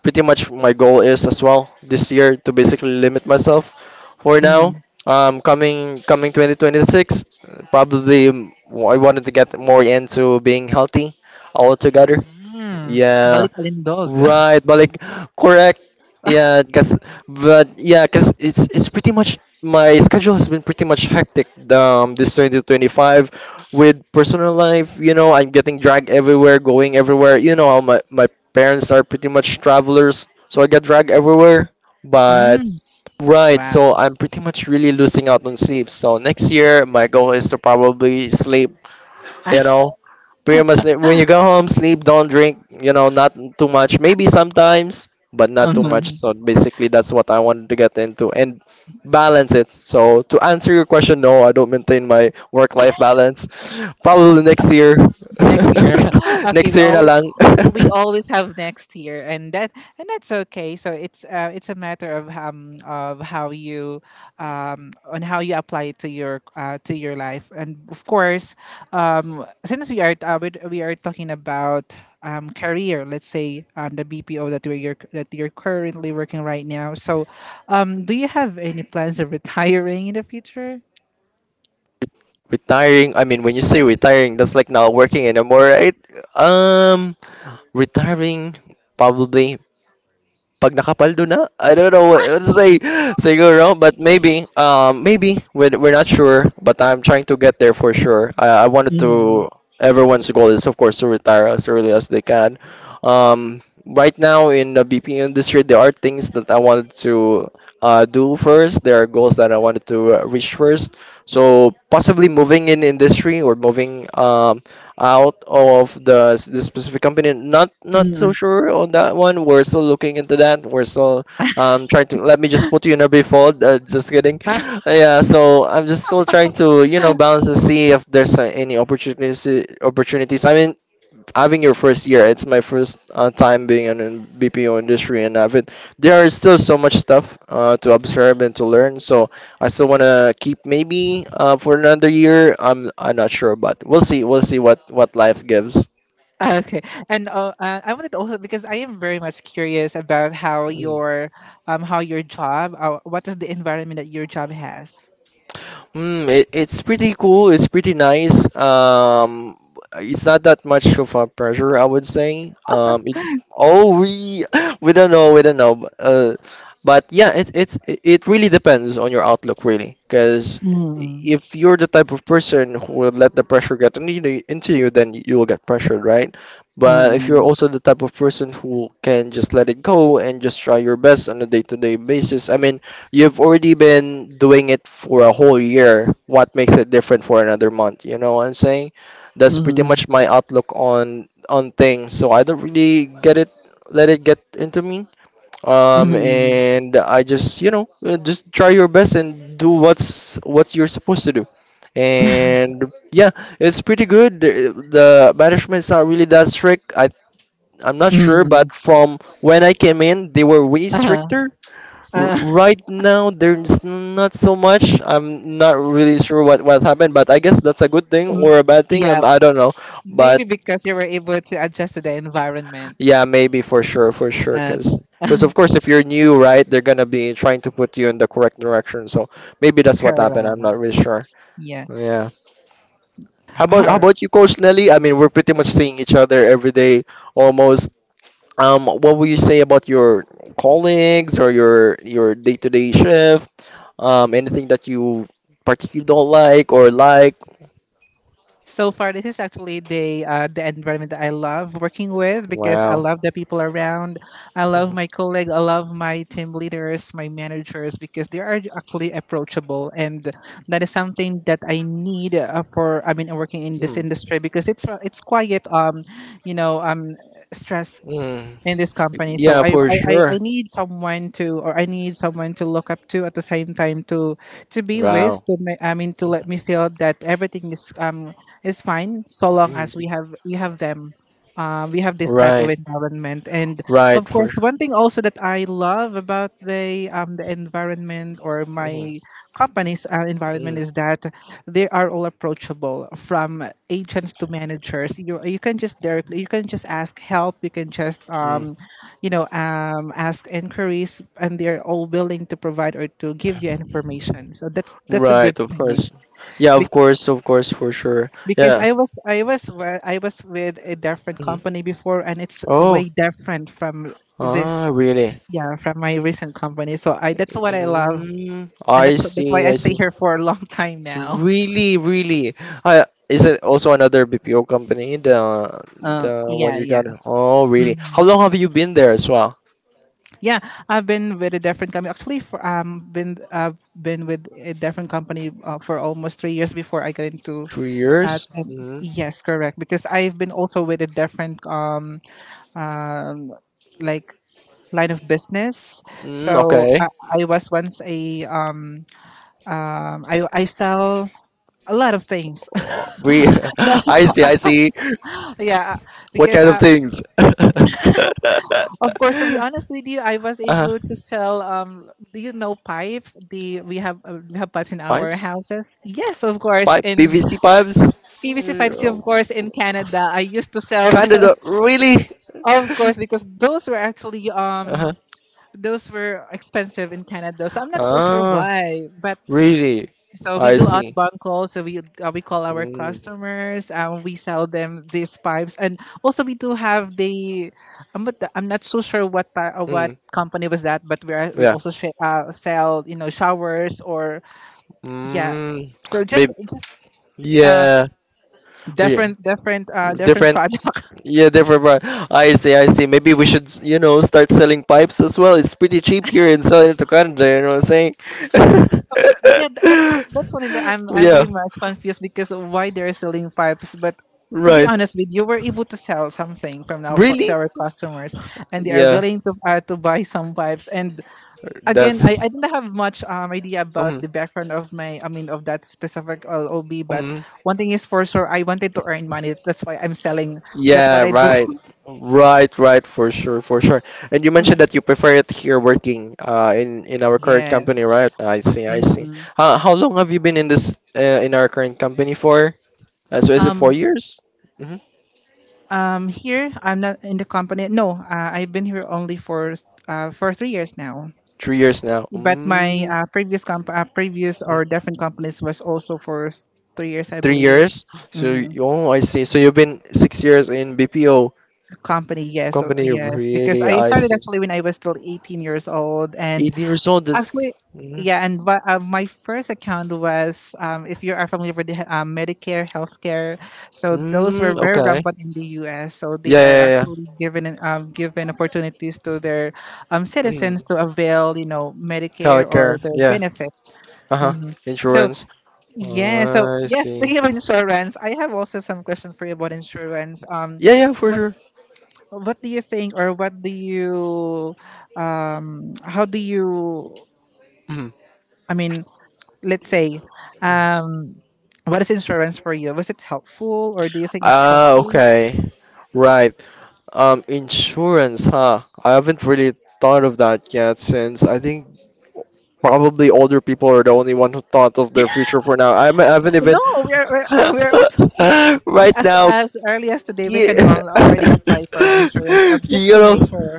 B: pretty much my goal is as well this year to basically limit myself for now,
A: mm,
B: coming 2026, probably, I wanted to get more into being healthy altogether.
A: mm.
B: Yeah.
A: Balik kalindog.
B: Right, but like correct. Yeah, cause but yeah, cause it's pretty much my schedule has been pretty much hectic this 2025 with personal life, you know, I'm getting dragged everywhere, going everywhere. You know how my parents are pretty much travelers, so I get dragged everywhere. But
A: Mm,
B: right,
A: wow.
B: so I'm pretty much really losing out on sleep. So next year my goal is to probably sleep, you know, pretty much like, when you go home sleep, don't drink, you know, not too much, maybe sometimes, but not too much.
A: Mhm.
B: So basically that's what I wanted to get into and balance it. So to answer your question, no, I don't maintain my work life balance, probably next year.
A: Next year. Okay,
B: Next year na lang.
A: we always have next year, and that's okay, so it's a matter of how you on how you apply it to your life, and of course since we are talking about career, let's say the BPO that we are that you're currently working right now, so do you have any plans of retiring in the future?
B: Retiring, I mean when you say retiring that's like not working anymore, right? um Retiring, probably, pag nakapaldo na, I don't know what to say, siguro, but maybe, maybe, we're not sure, but I'm trying to get there for sure. I wanted to, everyone's goal is, of course, to retire as early as they can. Right now in the BP industry, there are things that I wanted to do first. There are goals that I wanted to reach first. So possibly moving in industry or moving out of the, the specific company. Not
A: Mm-hmm.
B: so sure on that one. We're still looking into that. We're still trying to. Let me just put you in a brief. Just kidding. Yeah. So I'm just still trying to, you know, balance and see if there's any opportunities. I mean having your first year. It's my first time being in an BPO industry, and I've it, there is still so much stuff to observe and to learn. So I still want to keep maybe for another year. I'm not sure, but we'll see. We'll see what life gives.
A: Okay, and I wanted to also because I am very much curious about how your job what is the environment that your job has.
B: Mm, it's pretty cool. It's pretty nice. It's not that much of a pressure, I would say. Oh, we we don't know. But yeah, it it's it it really depends on your outlook, really. Because
A: Mm.
B: if you're the type of person who will let the pressure get into you, then you will get pressured, right? But if you're
A: Mm-mm.
B: also the type of person who can just let it go and just try your best on a day-to-day basis, I mean. You've already been doing it for a whole year. What makes it different for another month? You know what I'm saying? That's pretty
A: Mm-mm.
B: much my outlook on things. So I don't really get it, let it get into me.
A: Mm-mm.
B: And I just, you know, just try your best and do what's what you're supposed to do. And yeah, it's pretty good. The management is not really that strict. I'm not sure,
A: Mm-mm.
B: but from when I came in, they were way
A: Uh-huh.
B: stricter.
A: Uh,
B: Right now, there's not so much. I'm not really sure what happened, but I guess that's a good thing
A: mm,
B: or a bad thing.
A: yeah,
B: I don't know, but
A: maybe because you were able to adjust to the environment.
B: yeah, maybe for sure,
A: Uh,
B: because. Because of course, if you're new, right, they're gonna be trying to put you in the correct direction. So maybe that's what happened. I'm
A: correct.
B: not really sure.
A: Yeah.
B: Yeah. How about
A: All,
B: you, Coach Nelly? I mean, we're pretty much seeing each other every day, almost. What would you say about your colleagues or your day-to-day shift? Anything that you particularly don't like or like?
A: so far, this is actually the environment that I love working with because I
B: Wow.
A: love the people around. I love my colleague. I love my team leaders, my managers because they are actually approachable, and that is something that I need for. I mean, working in
B: Mhm.
A: this
B: Mm.
A: industry because it's quite you know stress
B: Mm.
A: in this company. So,
B: Yeah,
A: I,
B: for
A: I, I
B: sure.
A: I need someone to, or I need someone to look up to at the same time to be
B: Wow.
A: with, to, to let me feel that everything is fine so long
B: Mm.
A: as we have them. We have this type of
B: Right,
A: environment, and of
B: right, for
A: course,
B: sure.
A: one thing also that I love about the environment or
B: Mm,
A: my company's environment
B: mm,
A: is that they are all approachable from agents to managers. You can just directly you can just ask help, you can just
B: mm.
A: ask inquiries, and they're all willing to provide or to give you information, so that's a good
B: Right, of
A: thing.
B: course. Yeah,
A: Be-
B: of course, for sure.
A: because
B: Yeah.
A: I was wa- I was with a different
B: Mhm.
A: company before, and it's
B: Oh,
A: way different from this,
B: ah, really?
A: yeah, from my recent company, so I that's what I love,
B: Mm,
A: and
B: I
A: that's why
B: see,
A: I
B: I
A: stay
B: see.
A: here for a long time now.
B: Really, really. Is it also another BPO company? The one
A: Yeah,
B: you
A: yeah.
B: got? Oh, really? How
A: Mm-hmm.
B: long have you been there as well?
A: Yeah, I've been with a different company. Actually, for been I've been with a different company for almost 3 years before I got into.
B: Three years? Mm,
A: Yes, correct. Because I've been also with a different um, like line of business.
B: mm,
A: So
B: okay.
A: I was once a I sell a lot of things.
B: Oh, we, I see, I see.
A: Yeah,
B: What
A: because
B: kind of
A: I,
B: things?
A: Of course, to be honest with you, I was
B: Uh-huh.
A: able to sell. Do you know pipes? The we have We have pipes in our
B: Pipes?
A: houses. Yes, of course.
B: Pipe,
A: In
B: PVC pipes?
A: PVC pipes,
B: Mm,
A: of course, in Canada, I used to sell
B: Canada,
A: this.
B: really?
A: Of course, because those were actually
B: Uh-huh.
A: those were expensive in Canada, so I'm not so sure
B: Ah,
A: why. But
B: really?
A: so we
B: I
A: do
B: see.
A: outbound calls. So we call our
B: Mm,
A: customers, and we sell them these pipes, and also we do have the. I'm not so sure what
B: mm,
A: company was that, but we
B: yeah.
A: also sell you know showers or yeah.
B: Mm,
A: So just
B: maybe.
A: just uh,
B: Yeah. Yeah.
A: different different
B: Different,
A: products.
B: yeah, different part. I see, I see. Maybe we should, you know, start selling pipes as well. It's pretty cheap here and selling it to Canada, you know what I'm saying?
A: Well, yeah, that's something that I'm
B: Yeah,
A: really much confused because of why they're selling pipes. But to be
B: right.
A: honest with you, we're able to sell something from now for to
B: Really?
A: our customers, and they are
B: Yeah,
A: willing to buy some pipes. And again,
B: that's.
A: I didn't have much idea about
B: Um,
A: the background of my I mean of that specific LOB. But
B: um,
A: one thing is for sure, I wanted to earn money. That's why I'm selling. That's
B: Yeah,
A: what I do.
B: right. Right, right, for sure, for sure. And you mentioned that you prefer it here working in our current
A: Yes.
B: company, right? I see, I see.
A: hmm
B: How long have you been in this in our current company for? So is it four
A: Um,
B: years? Hmm.
A: Here I'm not in the company. No, I've been here only for 3 years now.
B: 3 years now.
A: But my
B: Mm,
A: previous previous or different companies was also for 3 years, I
B: three
A: believe.
B: years?
A: Mm,
B: Oh, I see. So you've been 6 years in BPO
A: company, yes,
B: company.
A: yes. Because
B: Really,
A: I
B: I
A: started
B: see.
A: actually when I was still 18 years old, and
B: 18 years old. That's
A: actually,
B: mm,
A: yeah, and my first account was if you are familiar with the, Medicare, healthcare, so those were
B: mm,
A: very
B: okay.
A: rampant in the U.S. So they
B: Yeah,
A: are
B: yeah, yeah.
A: actually given opportunities to their
B: Mm,
A: citizens to avail, you know, Medicare or
B: healthcare.
A: their
B: Yeah.
A: benefits.
B: Uh-huh.
A: Hmm So
B: Insurance.
A: yeah, so
B: I
A: yes,
B: see.
A: speaking of insurance, I have also some questions for you about insurance.
B: Yeah, yeah, for
A: What
B: sure.
A: what do you think, or what do you, how do you?
B: Mhm.
A: I mean, let's say, um, what is insurance for you? Was it helpful, or do you think it's
B: Ah,
A: helpful?
B: okay. Right. Insurance, huh? I haven't really thought of that yet since I think probably older people are the only one who thought of their future for now. I haven't
A: No,
B: even
A: we're we're also we,
B: right now,
A: as early as today we
B: yeah,
A: can all already apply for insurance just
B: you
A: to
B: know,
A: make sure.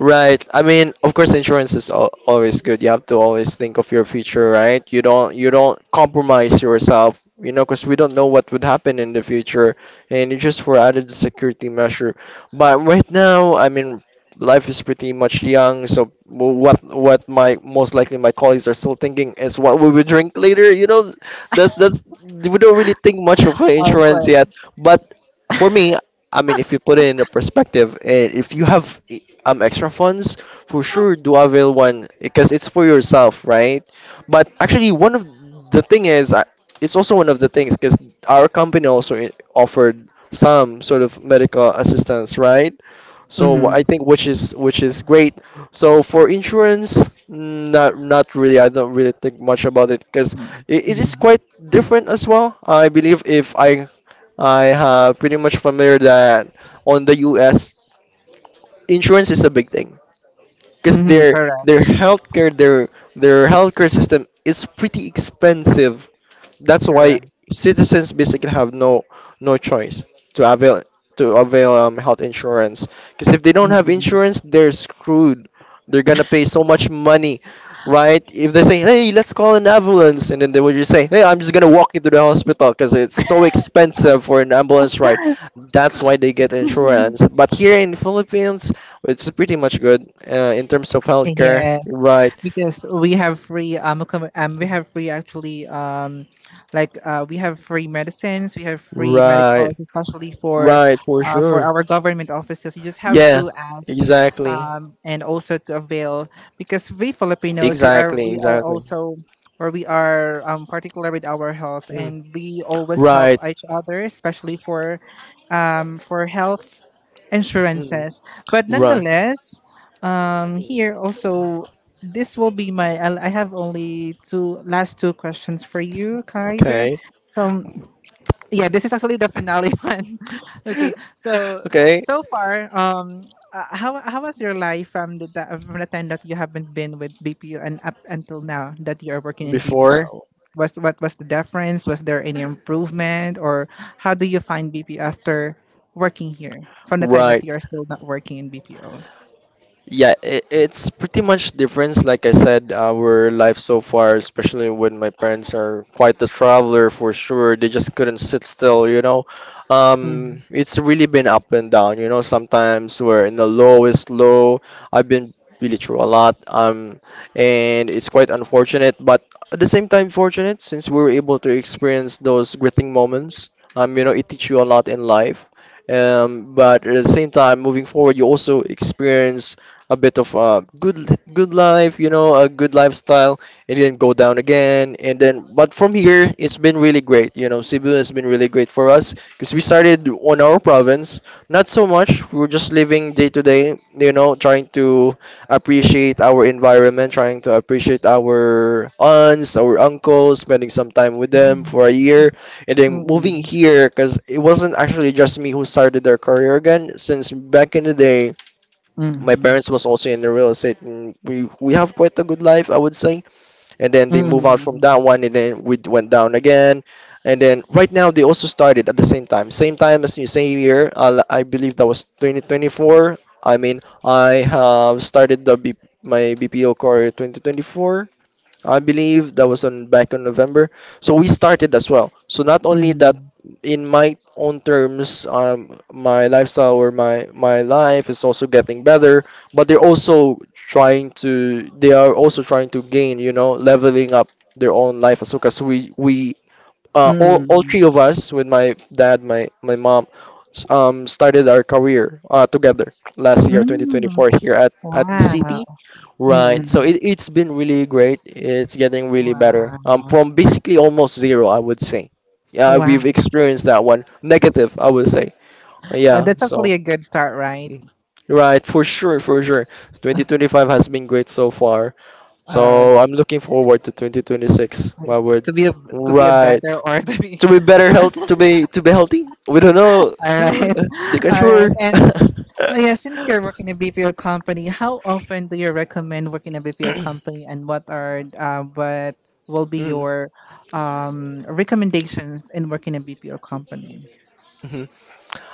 B: right. I mean, of course, insurance is al always good. You have to always think of your future, right? You don't compromise yourself, you know, because we don't know what would happen in the future, and it's just for added security measure. But right now, I mean, life is pretty much young, so what my most likely my colleagues are still thinking is what we will drink later, you know, that's we don't really think much of
A: Of
B: insurance yet.
A: course.
B: But for me, I mean, if you put it in a perspective, and if you have extra funds, for sure do avail one because it's for yourself, right? But actually, one of the thing is, I- it's also one of the things because our company also offered some sort of medical assistance, right? So
A: Mm-hmm.
B: I think which is great. So for insurance, mm, not not really. I don't really think much about it because it is quite different as well. I believe if I I have pretty much familiar that on the U.S. insurance is a big thing because
A: Mm-hmm. Correct.
B: their healthcare their their healthcare system is pretty expensive, that's why
A: Correct.
B: citizens basically have no no choice to avail to avail health insurance. Because if they don't have
A: Mm-hmm.
B: insurance, they're screwed. They're gonna pay so much money, right? If they say, "Hey, let's call an ambulance," and then they would just say, "Hey, I'm just gonna walk into the hospital because it's so expensive for an ambulance ride." That's why they get insurance. But here in Philippines, it's pretty much good in terms of healthcare,
A: Yes.
B: right?
A: Because we have free we have free actually like we have free medicines we have free
B: Right,
A: medicals especially
B: right, for
A: for
B: sure.
A: our government offices you just have
B: Yeah.
A: to ask
B: Exactly.
A: and also to avail because we Filipinos we are
B: Exactly.
A: we are
B: Exactly.
A: also or we are particular with our health
B: Mm.
A: and we always help
B: Right.
A: each other especially for health
B: Mm.
A: insurances but
B: Right.
A: nonetheless here also this will be my I have only two last two questions for you Kaiser
B: Okay.
A: so yeah this is actually the finale one. Okay, so
B: Okay.
A: so far how was your life from the from the time that you haven't been with BPO and up until now that you are working in
B: Before.
A: BPO was what was the difference was there any improvement or how do you find BPO after working here from the time that
B: Right.
A: you are still not working in BPO.
B: Yeah, I It's pretty much different. Like I said, our life so far, especially when my parents are quite the traveler for sure. They just couldn't sit still, you know.
A: Mm-hmm.
B: It's really been up and down, you know. Sometimes we're in the lowest low. I've been really through a lot. And it's quite unfortunate, but at the same time fortunate since we were able to experience those gritting moments. You know, it teach you a lot in life. But at the same time, moving forward, you also experience a bit of good life, you know, a good lifestyle, and then go down again. And then, but from here, it's been really great. You know, Cebu has been really great for us because we started on our province, not so much. We were just living day to day, you know, trying to appreciate our environment, trying to appreciate our aunts, our uncles, spending some time with them for a year, and then moving
A: Mm-hmm.
B: here because it wasn't actually just me who started their career again. Since back in the day, my parents was also in the real estate, and we have quite a good life, I would say. And then they move out from
A: Mm,
B: that one, and then we went down again. And then right now they also started at the same time, as you say year. I believe that was 2024. I mean, I have started the B My BPO career 2024, I believe that was on back in November. So we started as well. So not only that,
A: mm,
B: in my own terms, my lifestyle or my life is also getting better, but they're also trying to they are also trying to gain, you know, leveling up their own life as well. Cause we Uh, all
A: mm,
B: three of us with my dad, my mom, started our career together last year,
A: mm.
B: 2024, here at the
A: Wow,
B: city. Right. So
A: mm,
B: it, it's been really great. It's getting really better.
A: wow,
B: From basically almost zero, I would say. Yeah,
A: wow.
B: we've experienced that one. Negative, I would say. Yeah,
A: That's
B: so.
A: actually a good start, right?
B: Mm. Right, for sure, for sure. 2025 has been great so far.
A: Uh,
B: So I'm looking forward to 2026. My word.
A: to be a, to be a
B: Right.
A: better or to be
B: To be better health, to be healthy. We don't know.
A: all right,
B: Di ka
A: all
B: sure.
A: right. And oh yeah, since you're working in a BPO company, how often do you recommend working in a BPO company, and what are what will be
B: Mm,
A: your recommendations in working in a BPO company?
B: mhm.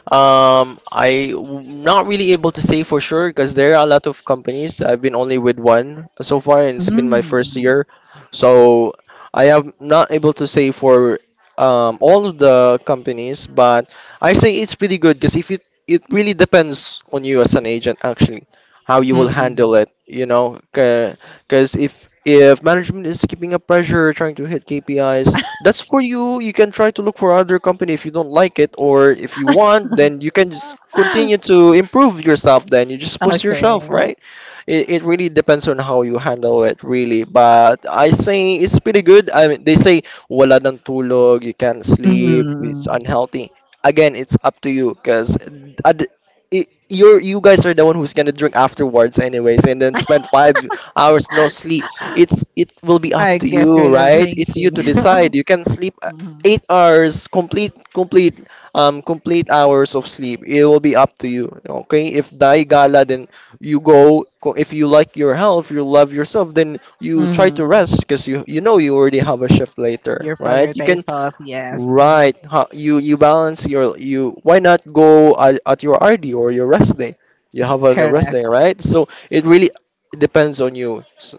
B: Not really able to say for sure because there are a lot of companies. I've been only with one so far, and it's been my first
A: Mm,
B: year, so I am not able to say for all of the companies. But I say it's pretty good because if it it really depends on you as an agent actually how you will handle
A: mm,
B: it. You know, because if management is keeping up pressure, trying to hit KPIs, that's for you. You can try to look for other company if you don't like it, or if you want, then you can just
A: mm.
B: continue to improve yourself. Then you just push yourself,
A: Okay.
B: right? It really depends on how you handle it, really. But I say it's pretty good. I mean, they say wala ng tulog, you can't sleep, it's
A: Mm,
B: unhealthy. Again, it's up to you, cause ad- you're you guys are the one who's gonna drink afterwards anyways and then spend 5 hours no sleep. It will be up
A: I
B: to
A: guess
B: you,
A: you love
B: right? It's you
A: drinking.
B: to decide. You can sleep
A: hmm
B: 8 hours, complete hours of sleep. It will be up to you. Okay? If die gala, then if you like your health, you love yourself, then you try to
A: hmm
B: rest because you know you already have a shift later,
A: You
B: right? You can
A: prioritize health, yes. hmm
B: right. You balance your you. Why not go at your RD or your rest day? You have a rest
A: Correct.
B: day, right? So it really depends on you.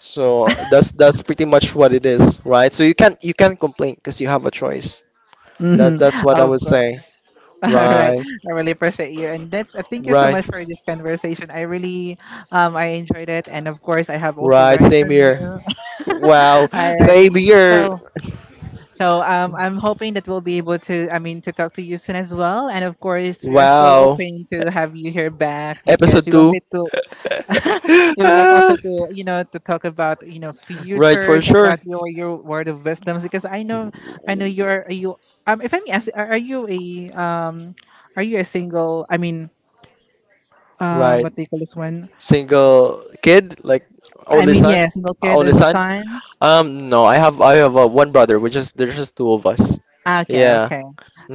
B: So that's pretty much what it is, right? So you can't complain because you have a choice.
A: Hmm
B: That's what I
A: Of
B: would say.
A: course. All right.
B: Right,
A: I really appreciate you. And that's thank you so
B: right,
A: much for this conversation. I really I enjoyed it. And of course I have also
B: right.
A: learned
B: Same
A: from
B: here.
A: you.
B: Wow,
A: All right.
B: same here.
A: So so I'm hoping that we'll be able to I mean to talk to you soon as well. And of course we are still
B: Wow.
A: open to have you here back because
B: Episode
A: we
B: two.
A: wanted to we would like
B: Ah,
A: also to you know to talk about you know
B: right, for
A: futures
B: sure.
A: about your word of wisdoms because I know you're you if I'm ask are you a single I mean
B: Right.
A: what do you call this one
B: Single kid, like
A: I
B: only
A: mean
B: son,
A: yeah single kid
B: only
A: in
B: son.
A: Lausanne.
B: No, I have one brother. Which is there's just two of us.
A: Ah, okay,
B: Yeah.
A: okay,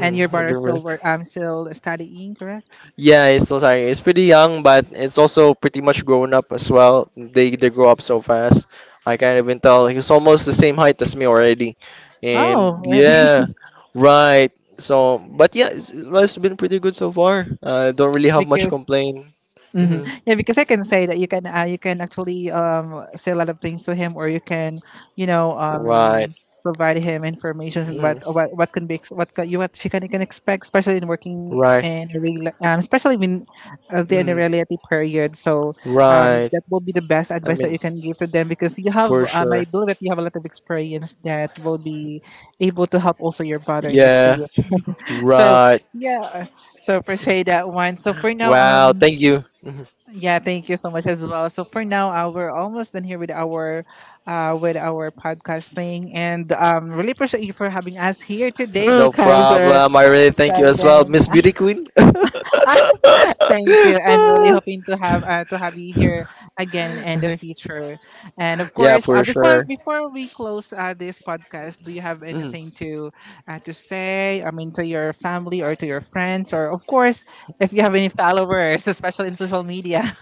A: and your
B: I've
A: brother
B: been
A: still
B: with-
A: work I'm still studying correct
B: Yeah, it's still starting. It's pretty young, but it's also pretty much grown up as well. They grow up so fast. I can't even tell. He's almost the same height as me already,
A: oh
B: and
A: really.
B: yeah, right. So, but yeah, it's, life's been pretty good so far. I don't really have much
A: Because
B: complaint.
A: hmm
B: Hmm.
A: yeah, because I can say that you can actually say a lot of things to him, or you can you know
B: Right.
A: provide him information on what
B: Hmm.
A: what what can be ex- what ca- you what she can expect, especially in working
B: Right.
A: in a especially when they're in a
B: Hmm.
A: reality period. So
B: Right.
A: that will be the best
B: I
A: advice that you
B: mean,
A: can give to them because you have
B: for
A: I
B: sure.
A: know that you have a lot of experience that will be able to help also your brother in the
B: Yeah.
A: field. So
B: Right.
A: yeah, so appreciate that one. So for
B: Mm-hmm.
A: now
B: Wow.
A: um.
B: Thank you. Mhm.
A: Yeah, thank you so much as well. So for now, we're almost done here with our podcasting and really appreciate you for having us here today,
B: No
A: Kaiser.
B: problem. I really thank you
A: So
B: as well,
A: again,
B: Miss Beauty Queen.
A: thank you, and really hoping to have you here again in the future. And of
B: Yeah,
A: course,
B: for
A: before
B: sure.
A: before we close this podcast, do you have
B: Mm.
A: anything to say? I mean, to your family or to your friends, or of course, if you have any followers, especially in social media.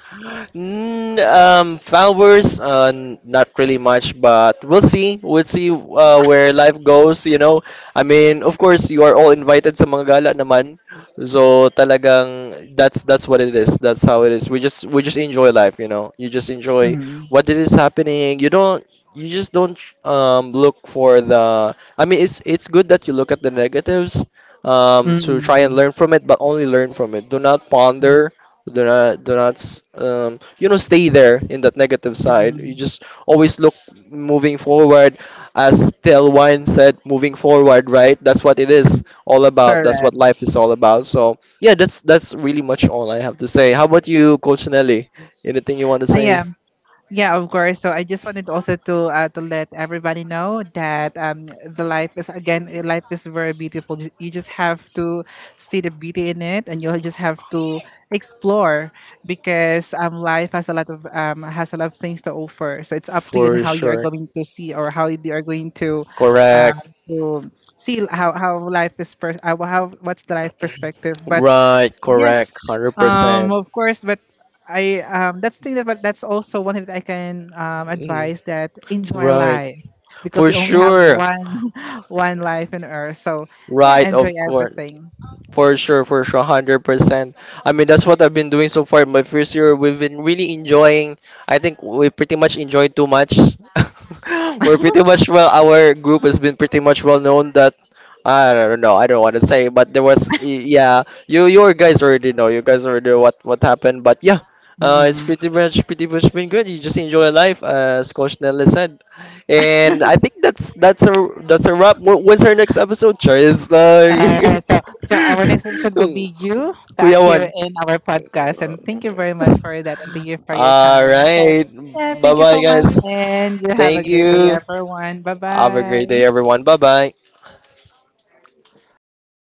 B: Followers, not really much, but we'll see. We'll see where life goes, you know. I mean, of course, you are all invited sa mga gala naman. So talagang that's what it is. That's how it is. We just enjoy life, you know. You just enjoy what it is happening. You just don't look for the. I mean, it's good that you look at the negatives to try and
A: Mm,
B: learn from it, but only learn from it. Do not
A: mm,
B: ponder, do not, s- you know, stay there in that negative side. You
A: mm,
B: just always look moving forward, as Tel Wine said, moving forward, right? That's what it is all about. That's what
A: correct.
B: life is all about. So yeah, that's really much all I have to say. How about you, Coach Nelly? Anything you want to
A: I
B: say?
A: am. Yeah, of course. So I just wanted also to let everybody know that the life is again life is very beautiful. You just have to see the beauty in it, and you just have to explore because life has a lot of has a lot of things to offer. So it's up to you and
B: For
A: how you are
B: sure.
A: going to see or how you are going uh,
B: Correct.
A: to see how life how what's the life perspective, but
B: Right.
A: yes,
B: Correct. 100%.
A: of course, but I that's also one thing that I can advise that enjoy
B: Right.
A: life because
B: For
A: we only have
B: sure.
A: one life in Earth. So yeah,
B: Right.
A: enjoy
B: Of course.
A: everything.
B: For sure, 100%. I mean, that's what I've been doing so far. My first year, we've been really enjoying. I think we pretty much enjoyed too much. We're pretty much well, our group has been pretty much well known that I don't know, I don't want to say, but there was yeah, you guys already know, you guys already know what happened, but yeah, it's
A: Mm-mm.
B: pretty much been good. You just enjoy life, as Coach Nelly said. And I think that's a wrap. When's our next episode, Char? It's
A: Right,
B: like
A: so so our next episode will be you back
B: Kuya
A: here
B: Juan.
A: in our podcast, and thank you very much for that, and thank you for your
B: All
A: time.
B: right.
A: So yeah,
B: Bye
A: thank you
B: bye,
A: so
B: guys.
A: much, and you have
B: Thank
A: a great day,
B: you.
A: everyone. Bye
B: Have a great day,
A: bye.
B: everyone. Bye bye.